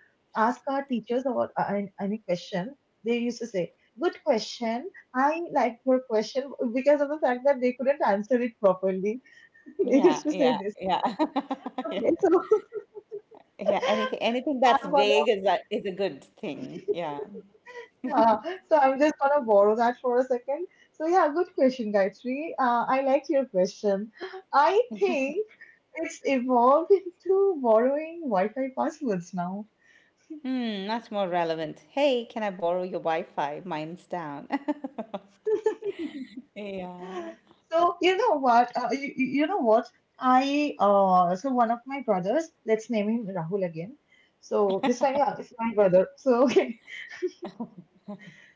Speaker 1: ask our teachers about uh, an- any question, they used to say, "Good question. I like your question," because of the fact that they couldn't answer it properly. They
Speaker 2: Yeah.
Speaker 1: used to say
Speaker 2: Yeah.
Speaker 1: this.
Speaker 2: Yeah. Yeah.
Speaker 1: Okay, so
Speaker 2: Yeah. Anything anything that's
Speaker 1: I'm gonna
Speaker 2: vague is that is a good thing. Yeah.
Speaker 1: Yeah, so I'm just gonna borrow that for a second. So yeah, good question, Gayatri. Uh, I liked your question. I think it's evolved into borrowing Wi-Fi passwords now.
Speaker 2: Hmm, that's more relevant. Hey, can I borrow your Wi-Fi? Mine's down. Yeah.
Speaker 1: So you know what? Uh, you, you you know what? I uh, so One of my brothers. Let's name him Rahul again. So this time, yeah, it's my brother. So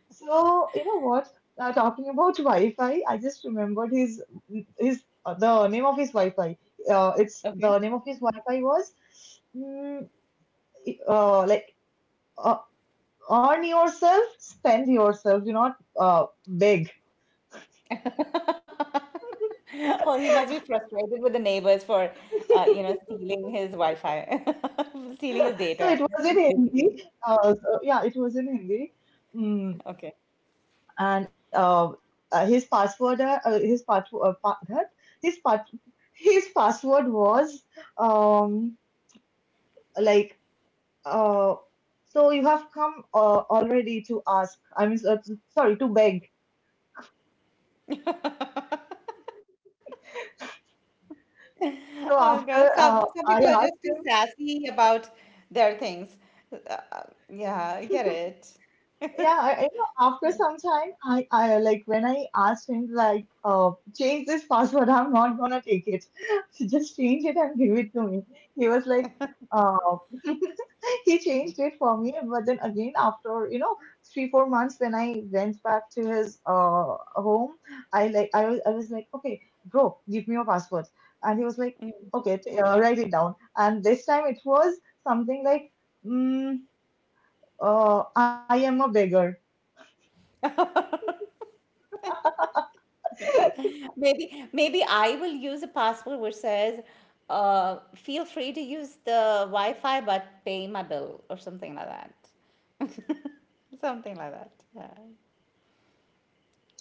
Speaker 1: So you know what? Uh, talking about Wi-Fi, I just remembered his his uh, the name of his Wi-Fi. Uh, it's
Speaker 2: Okay.
Speaker 1: the name of his Wi-Fi was mm, uh, like uh, earn yourself, spend yourself. Do not uh, beg.
Speaker 2: Oh, he must be frustrated with the neighbors for, uh, you know, stealing his Wi-Fi, stealing his
Speaker 1: So
Speaker 2: data,
Speaker 1: it was in Hindi.
Speaker 2: basically.
Speaker 1: Uh, so, yeah, it was in Hindi. Mm,
Speaker 2: Okay.
Speaker 1: and uh, uh, his password, uh, uh, his part, uh, pa that his part, his password was um like Uh, so you have come uh, already to ask. I mean, so- sorry, to beg.
Speaker 2: Oh
Speaker 1: So
Speaker 2: God, some
Speaker 1: after
Speaker 2: some
Speaker 1: uh,
Speaker 2: people are
Speaker 1: I
Speaker 2: just too
Speaker 1: asked him,
Speaker 2: sassy about their things. Uh, yeah, I get it.
Speaker 1: Yeah, I, you know, after some time, I, I like when I asked him like, uh, change this password. I'm not gonna take it. Just change it and give it to me. He was like, uh, he changed it for me. But then again, after you know three four months, when I went back to his uh home, I like I was I was like, okay, bro, give me your password. And he was like, okay, t- uh, write it down. And this time it was something like, mm, uh, I am a beggar.
Speaker 2: Maybe maybe I will use a password which says, uh, feel free to use the Wi-Fi but pay my bill or something like that. Something like that. Yeah.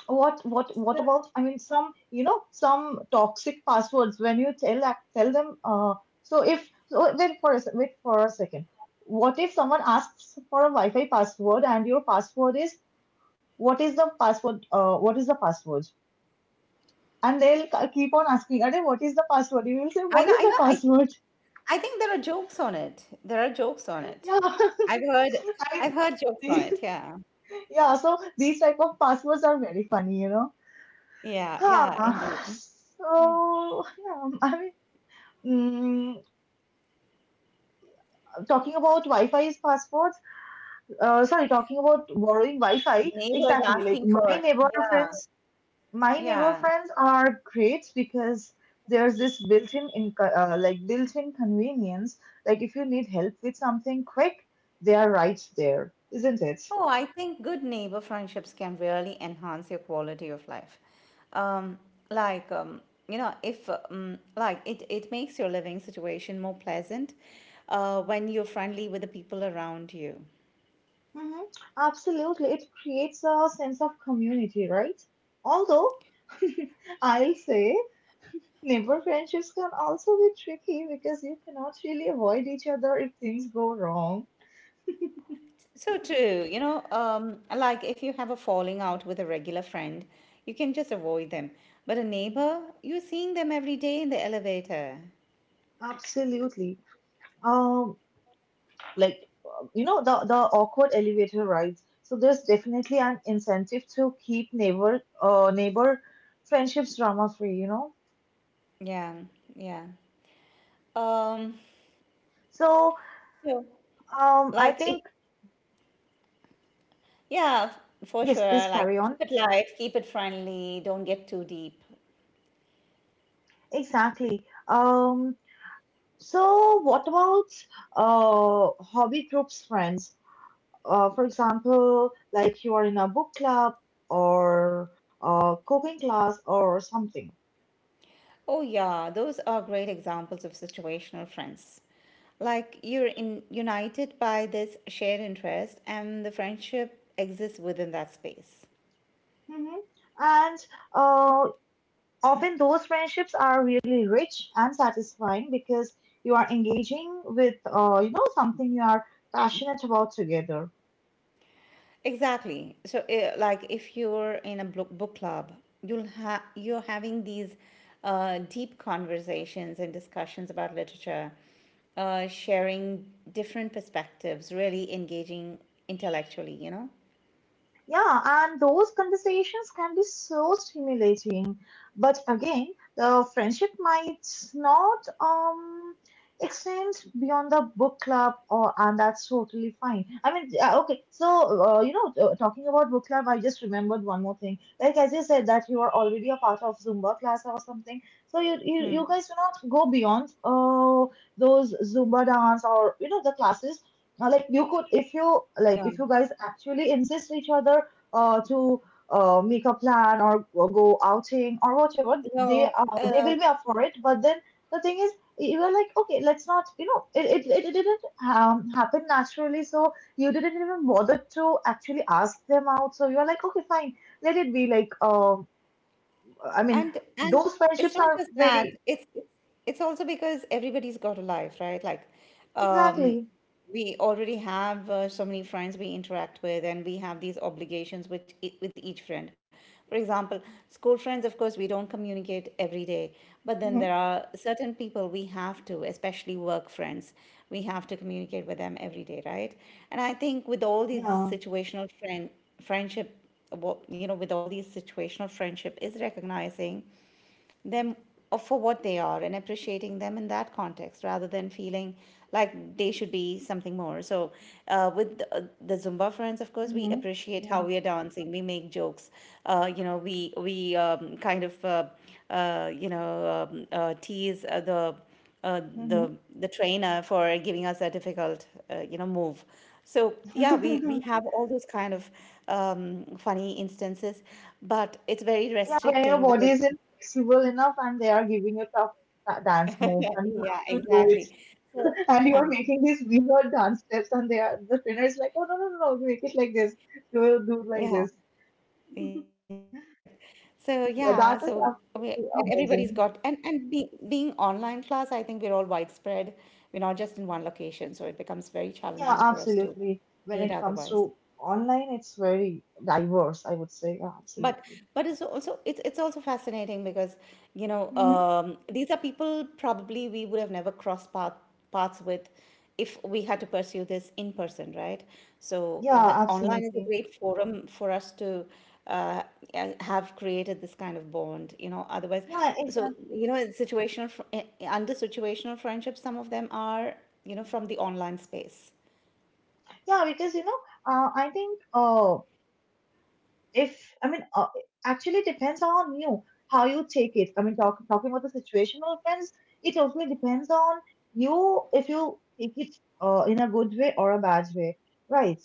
Speaker 1: What what what
Speaker 2: So,
Speaker 1: about I mean some you know some toxic passwords when you tell ac- tell them uh so if so wait for a se- wait for a second, what if someone asks for a Wi-Fi password and your password is what is the password uh what is the password and they'll k- keep on asking, Are, what is the password, you will say
Speaker 2: I
Speaker 1: what
Speaker 2: know
Speaker 1: is
Speaker 2: I know
Speaker 1: the
Speaker 2: I think
Speaker 1: password?
Speaker 2: I think there are jokes on it. There are jokes on it.
Speaker 1: Yeah,
Speaker 2: I've heard I've
Speaker 1: I,
Speaker 2: heard jokes on it. Yeah.
Speaker 1: yeah, so these type of passwords are very funny, you know,
Speaker 2: Yeah, yeah, indeed.
Speaker 1: huh. So yeah, I mean, mm, talking about Wi-Fi's passports, uh, sorry, talking about borrowing Wi-Fi,
Speaker 2: Neighbors
Speaker 1: exactly. Like
Speaker 2: asking
Speaker 1: my
Speaker 2: for,
Speaker 1: neighbor
Speaker 2: yeah,
Speaker 1: friends, my neighbor
Speaker 2: yeah.
Speaker 1: friends are great because there's this built-in inco- uh, like built-in convenience. Like if you need help with something quick, they are right there, isn't it?
Speaker 2: Oh, I think good neighbor friendships can really enhance your quality of life. Um, like, um, you know, if, um, like it, it makes your living situation more pleasant, uh, when you're friendly with the people around you.
Speaker 1: Mm-hmm. Absolutely, it creates a sense of community, right? Although I'll say neighbor friendships can also be tricky because you cannot really avoid each other if things go wrong.
Speaker 2: So true, you know, um, like if you have a falling out with a regular friend, you can just avoid them. But a neighbor, you're seeing them every day in the elevator.
Speaker 1: Absolutely. Um, like uh, you know the the awkward elevator rides. So there's definitely an incentive to keep neighbor uh neighbor friendships drama free. You know.
Speaker 2: Yeah, yeah. Um,
Speaker 1: So
Speaker 2: so
Speaker 1: um,
Speaker 2: like
Speaker 1: I
Speaker 2: if
Speaker 1: think
Speaker 2: Yeah, f-
Speaker 1: yes. Please
Speaker 2: for sure.
Speaker 1: carry on.
Speaker 2: Like, keep it light, keep it friendly, don't get too deep.
Speaker 1: Exactly. Um. So what about uh hobby groups friends? Uh, for example, like you are in a book club or a cooking class or something.
Speaker 2: Oh, yeah, those are great examples of situational friends. Like, you're in, united by this shared interest, and the friendship exists within that space.
Speaker 1: Hmm. And uh, often those friendships are really rich and satisfying because you are engaging with, uh, you know, something you are passionate about together.
Speaker 2: Exactly. So, uh, like, if you're in a book book club, you'll have you're having these, uh, deep conversations and discussions about literature, uh, sharing different perspectives, really engaging intellectually. You know.
Speaker 1: Yeah, and those conversations can be so stimulating. But again, the friendship might not um extend beyond the book club, or and that's totally fine. I mean, uh, okay, so uh, you know, uh, talking about book club, I just remembered one more thing. Like as you said that you are already a part of Zumba class or something, so you you,
Speaker 2: Hmm.
Speaker 1: you guys do not go beyond uh those Zumba dance or you know the classes, uh, like you could if you like
Speaker 2: No,
Speaker 1: if you guys actually insist each other uh, to uh, make a plan or, or go outing or whatever they
Speaker 2: no.
Speaker 1: uh, they
Speaker 2: Uh,
Speaker 1: will be up for it but then the thing is you were like okay let's not you know it, it, it didn't um, happen naturally so you didn't even bother to actually ask them out so you are like okay fine let it be like um i mean
Speaker 2: And and
Speaker 1: those
Speaker 2: it's
Speaker 1: friendships
Speaker 2: not
Speaker 1: are
Speaker 2: just that.
Speaker 1: very
Speaker 2: It's it's it's also because everybody's got a life, right? Like, um,
Speaker 1: exactly.
Speaker 2: we already have, uh, so many friends we interact with, and we have these obligations which, e- with each friend. For example, school friends, of course, we don't communicate every day,
Speaker 1: Mm-hmm.
Speaker 2: but then there are certain people we have to, especially work friends, we have to communicate with them every day, right? And I think with all these
Speaker 1: Yeah.
Speaker 2: situational friend friendship what you know with all these situational friendship is recognizing them for what they are and appreciating them in that context rather than feeling like they should be something more. So, uh, with the, uh, the Zumba friends, of course, we
Speaker 1: Mm-hmm.
Speaker 2: appreciate how
Speaker 1: Yeah.
Speaker 2: we are dancing. We make jokes. Uh, you know, we we, um, kind of, uh, uh, you know um, uh, tease, uh, the. Uh, the the trainer for giving us a difficult, uh, you know, move. So yeah, we
Speaker 1: Mm-hmm.
Speaker 2: we have all those kind of, um, funny instances, but it's very
Speaker 1: Yeah, when your
Speaker 2: restricting
Speaker 1: body
Speaker 2: because
Speaker 1: isn't flexible enough and they are giving you tough da- dance moves and you
Speaker 2: Yeah,
Speaker 1: have to do it.
Speaker 2: exactly. So,
Speaker 1: And you are making these weird dance steps and they are the trainer is like, oh no no no no, make it like this, do it- do it like
Speaker 2: yeah,
Speaker 1: this.
Speaker 2: yeah, correct. So, yeah,
Speaker 1: Th-
Speaker 2: so
Speaker 1: That is
Speaker 2: we — and
Speaker 1: absolutely
Speaker 2: everybody's got — and
Speaker 1: amazing.
Speaker 2: and be, being online class, I think we're all widespread. We're not just in one location, so it becomes very
Speaker 1: Yeah,
Speaker 2: challenging for us to
Speaker 1: absolutely. When
Speaker 2: meet
Speaker 1: it comes
Speaker 2: otherwise.
Speaker 1: to online, it's very diverse. I would say, yeah,
Speaker 2: but
Speaker 1: absolutely.
Speaker 2: but it's also it's it's also fascinating because, you know
Speaker 1: Mm-hmm.
Speaker 2: um, these are people probably we would have never crossed path, paths with if we had to pursue this in person, right? So
Speaker 1: Yeah,
Speaker 2: the online is a
Speaker 1: absolutely.
Speaker 2: great forum for us to, uh, uh, have created this kind of bond, you know, otherwise.
Speaker 1: Yeah,
Speaker 2: So,
Speaker 1: exactly.
Speaker 2: you know, it's situational fr- eh, under situational friendships. Some of them are, you know, from the online space.
Speaker 1: Yeah, because you know, uh, I think uh, if I mean, uh, actually depends on you how you take it. I mean, talk, talking about the situational friends, it totally depends on you if you take it uh, in a good way or a bad way, right?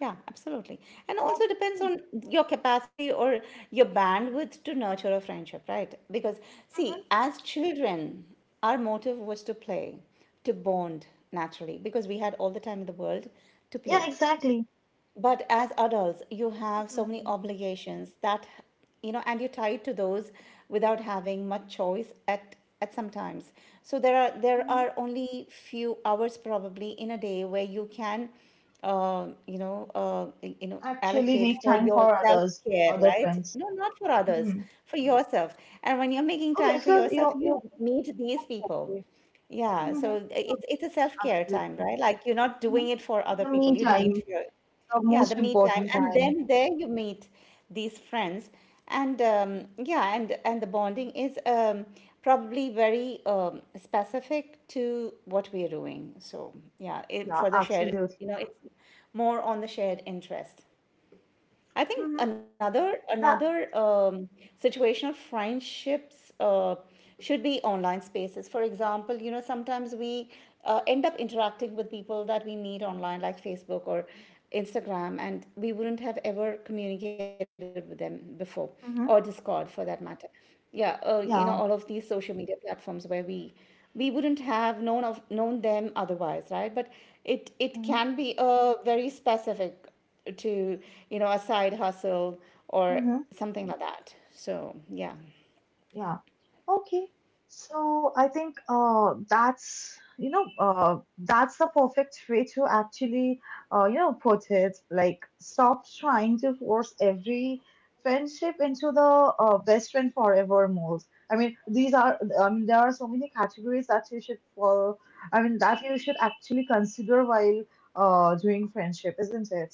Speaker 2: Yeah, absolutely. And also depends
Speaker 1: Okay.
Speaker 2: on your capacity or your bandwidth to nurture a friendship, right? Because,
Speaker 1: Mhm.
Speaker 2: see, as children, our motive was to play, to bond naturally, because we had all the time in the
Speaker 1: Yeah,
Speaker 2: world to
Speaker 1: exactly.
Speaker 2: play. But as adults you have so
Speaker 1: Exactly.
Speaker 2: many obligations that, you know, and you're tied to those without having much choice at at some times. So there are there
Speaker 1: Hmm.
Speaker 2: are only few hours probably in a day where you can, uh, you know uh, you know
Speaker 1: Actually,
Speaker 2: allocate
Speaker 1: make
Speaker 2: for
Speaker 1: time
Speaker 2: your
Speaker 1: for
Speaker 2: self
Speaker 1: others,
Speaker 2: care,
Speaker 1: other
Speaker 2: right?
Speaker 1: friends.
Speaker 2: No, not for others,
Speaker 1: Hmm.
Speaker 2: for yourself. And when you're making
Speaker 1: Okay,
Speaker 2: time for
Speaker 1: so
Speaker 2: yourself
Speaker 1: you you.
Speaker 2: you meet these people. Yeah,
Speaker 1: Mm-hmm.
Speaker 2: so it's it's a self-care time,
Speaker 1: Absolutely.
Speaker 2: right? Like you're not
Speaker 1: Mhm.
Speaker 2: doing it for other
Speaker 1: The me
Speaker 2: people, you're doing it
Speaker 1: time,
Speaker 2: for you.
Speaker 1: the
Speaker 2: Yeah, the
Speaker 1: most
Speaker 2: me time,
Speaker 1: important
Speaker 2: and
Speaker 1: time.
Speaker 2: then there you meet these friends, and, um, yeah, and and the bonding is, um, probably very, um, specific to what we are doing. So yeah, it,
Speaker 1: Yeah,
Speaker 2: for the shared, you know,
Speaker 1: absolutely.
Speaker 2: it's more on the shared interest. I think
Speaker 1: Hmm.
Speaker 2: another
Speaker 1: That.
Speaker 2: another um, situational friendships, uh, should be online spaces. For example, you know sometimes we, uh, end up interacting with people that we meet online, like Facebook or Instagram, and we wouldn't have ever communicated with them before,
Speaker 1: Mhm.
Speaker 2: or Discord for that matter. Yeah, uh, you know,
Speaker 1: Yeah.
Speaker 2: all of these social media platforms where we we wouldn't have known of known them otherwise, right? But it it
Speaker 1: Mm-hmm.
Speaker 2: can be a very specific to, you know, a side hustle or
Speaker 1: Mm-hmm.
Speaker 2: something like that. So yeah.
Speaker 1: Yeah. Okay. So I think uh that's you know uh that's the perfect way to actually uh you know put it, like stop trying to force every friendship into the uh, best friend forever mold. I mean these are I mean there are so many categories that you should follow. I mean that you should actually consider while uh doing friendship, isn't it?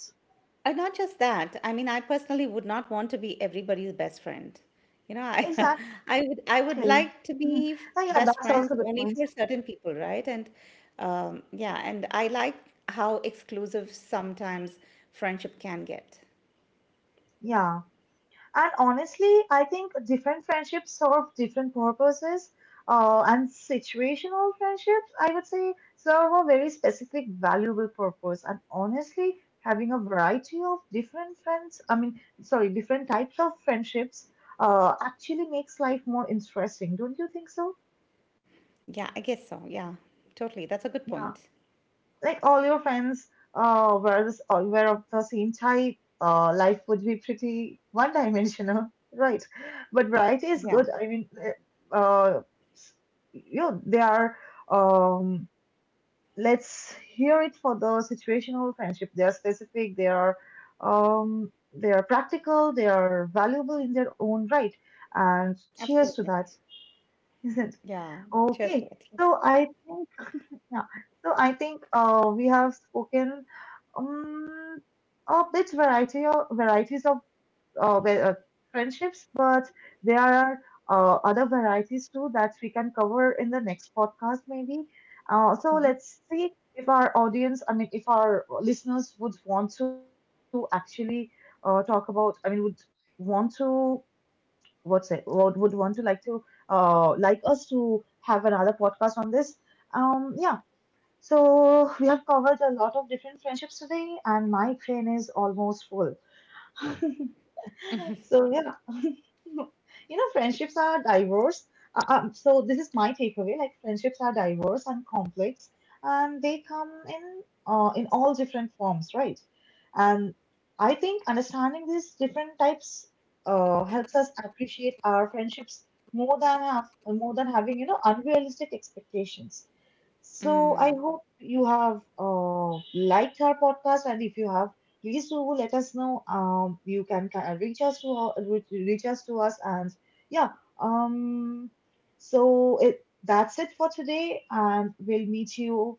Speaker 2: And not just that, I mean I personally would not want to be everybody's best friend, you know. I
Speaker 1: Exactly.
Speaker 2: i would i
Speaker 1: Mm-hmm.
Speaker 2: would like
Speaker 1: Yeah,
Speaker 2: to
Speaker 1: that's
Speaker 2: be, f-
Speaker 1: also a good
Speaker 2: best
Speaker 1: point.
Speaker 2: friends only for certain people, right? And, um, yeah, and I like how exclusive sometimes friendship can get.
Speaker 1: Yeah. And honestly, I think different friendships serve different purposes. Uh, and situational friendships, I would say, serve a very specific, valuable purpose. And honestly, having a variety of different friends, I mean, sorry, different types of friendships, uh, actually makes life more interesting. Don't you think so?
Speaker 2: Yeah, I guess so. Yeah, totally. That's a good
Speaker 1: Yeah.
Speaker 2: point.
Speaker 1: Like all your friends uh, were this, all were of the same type, uh, life would be pretty one-dimensional, right? But
Speaker 2: Yeah.
Speaker 1: variety is good. I mean, uh, uh, you know, they are. Um, let's hear it for the situational friendship. They are specific. They are. Um, they are practical. They are valuable in their own right. And cheers
Speaker 2: Absolutely.
Speaker 1: to that, isn't it?
Speaker 2: Yeah, cheers to
Speaker 1: Okay.
Speaker 2: it.
Speaker 1: So I think yeah. So I think uh, we have spoken um, a bit variety of varieties of uh, wa- uh, friendships, but there are uh, other varieties too that we can cover in the next podcast maybe. Uh, so
Speaker 2: Mhm.
Speaker 1: let's see if our audience, I mean, if our listeners would want to actually uh, talk about, I mean, would want to what's it? Would would want to like to uh, like us to have another podcast on this. Um, yeah. So, we have covered a lot of different friendships today, and my brain is almost full. So, yeah, you know, friendships are diverse. Uh, um, so, this is my takeaway, like, friendships are diverse and complex, and they come in, uh, in all different forms, right? And I think understanding these different types uh, helps us appreciate our friendships more than have, more than having you know unrealistic expectations. So I
Speaker 2: Mm.
Speaker 1: hope you have uh, liked our podcast, and if you have, please do let us know. Um, you can kind of reach us to our- reach reach us to us, and yeah. Um, so it that's it for today, and we'll meet you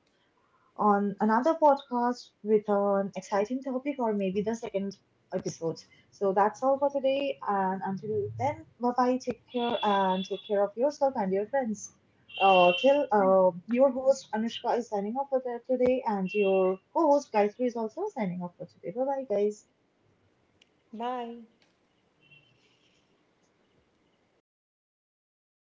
Speaker 1: on another podcast with an exciting topic or maybe the second episode. So that's all for today. And until then, bye bye. Take care and take care of yourself and your friends. Uh, till uh, your host Anushka is signing off for the- today, and your co host Gayatri is also signing off for today. Bye bye, guys.
Speaker 2: Bye.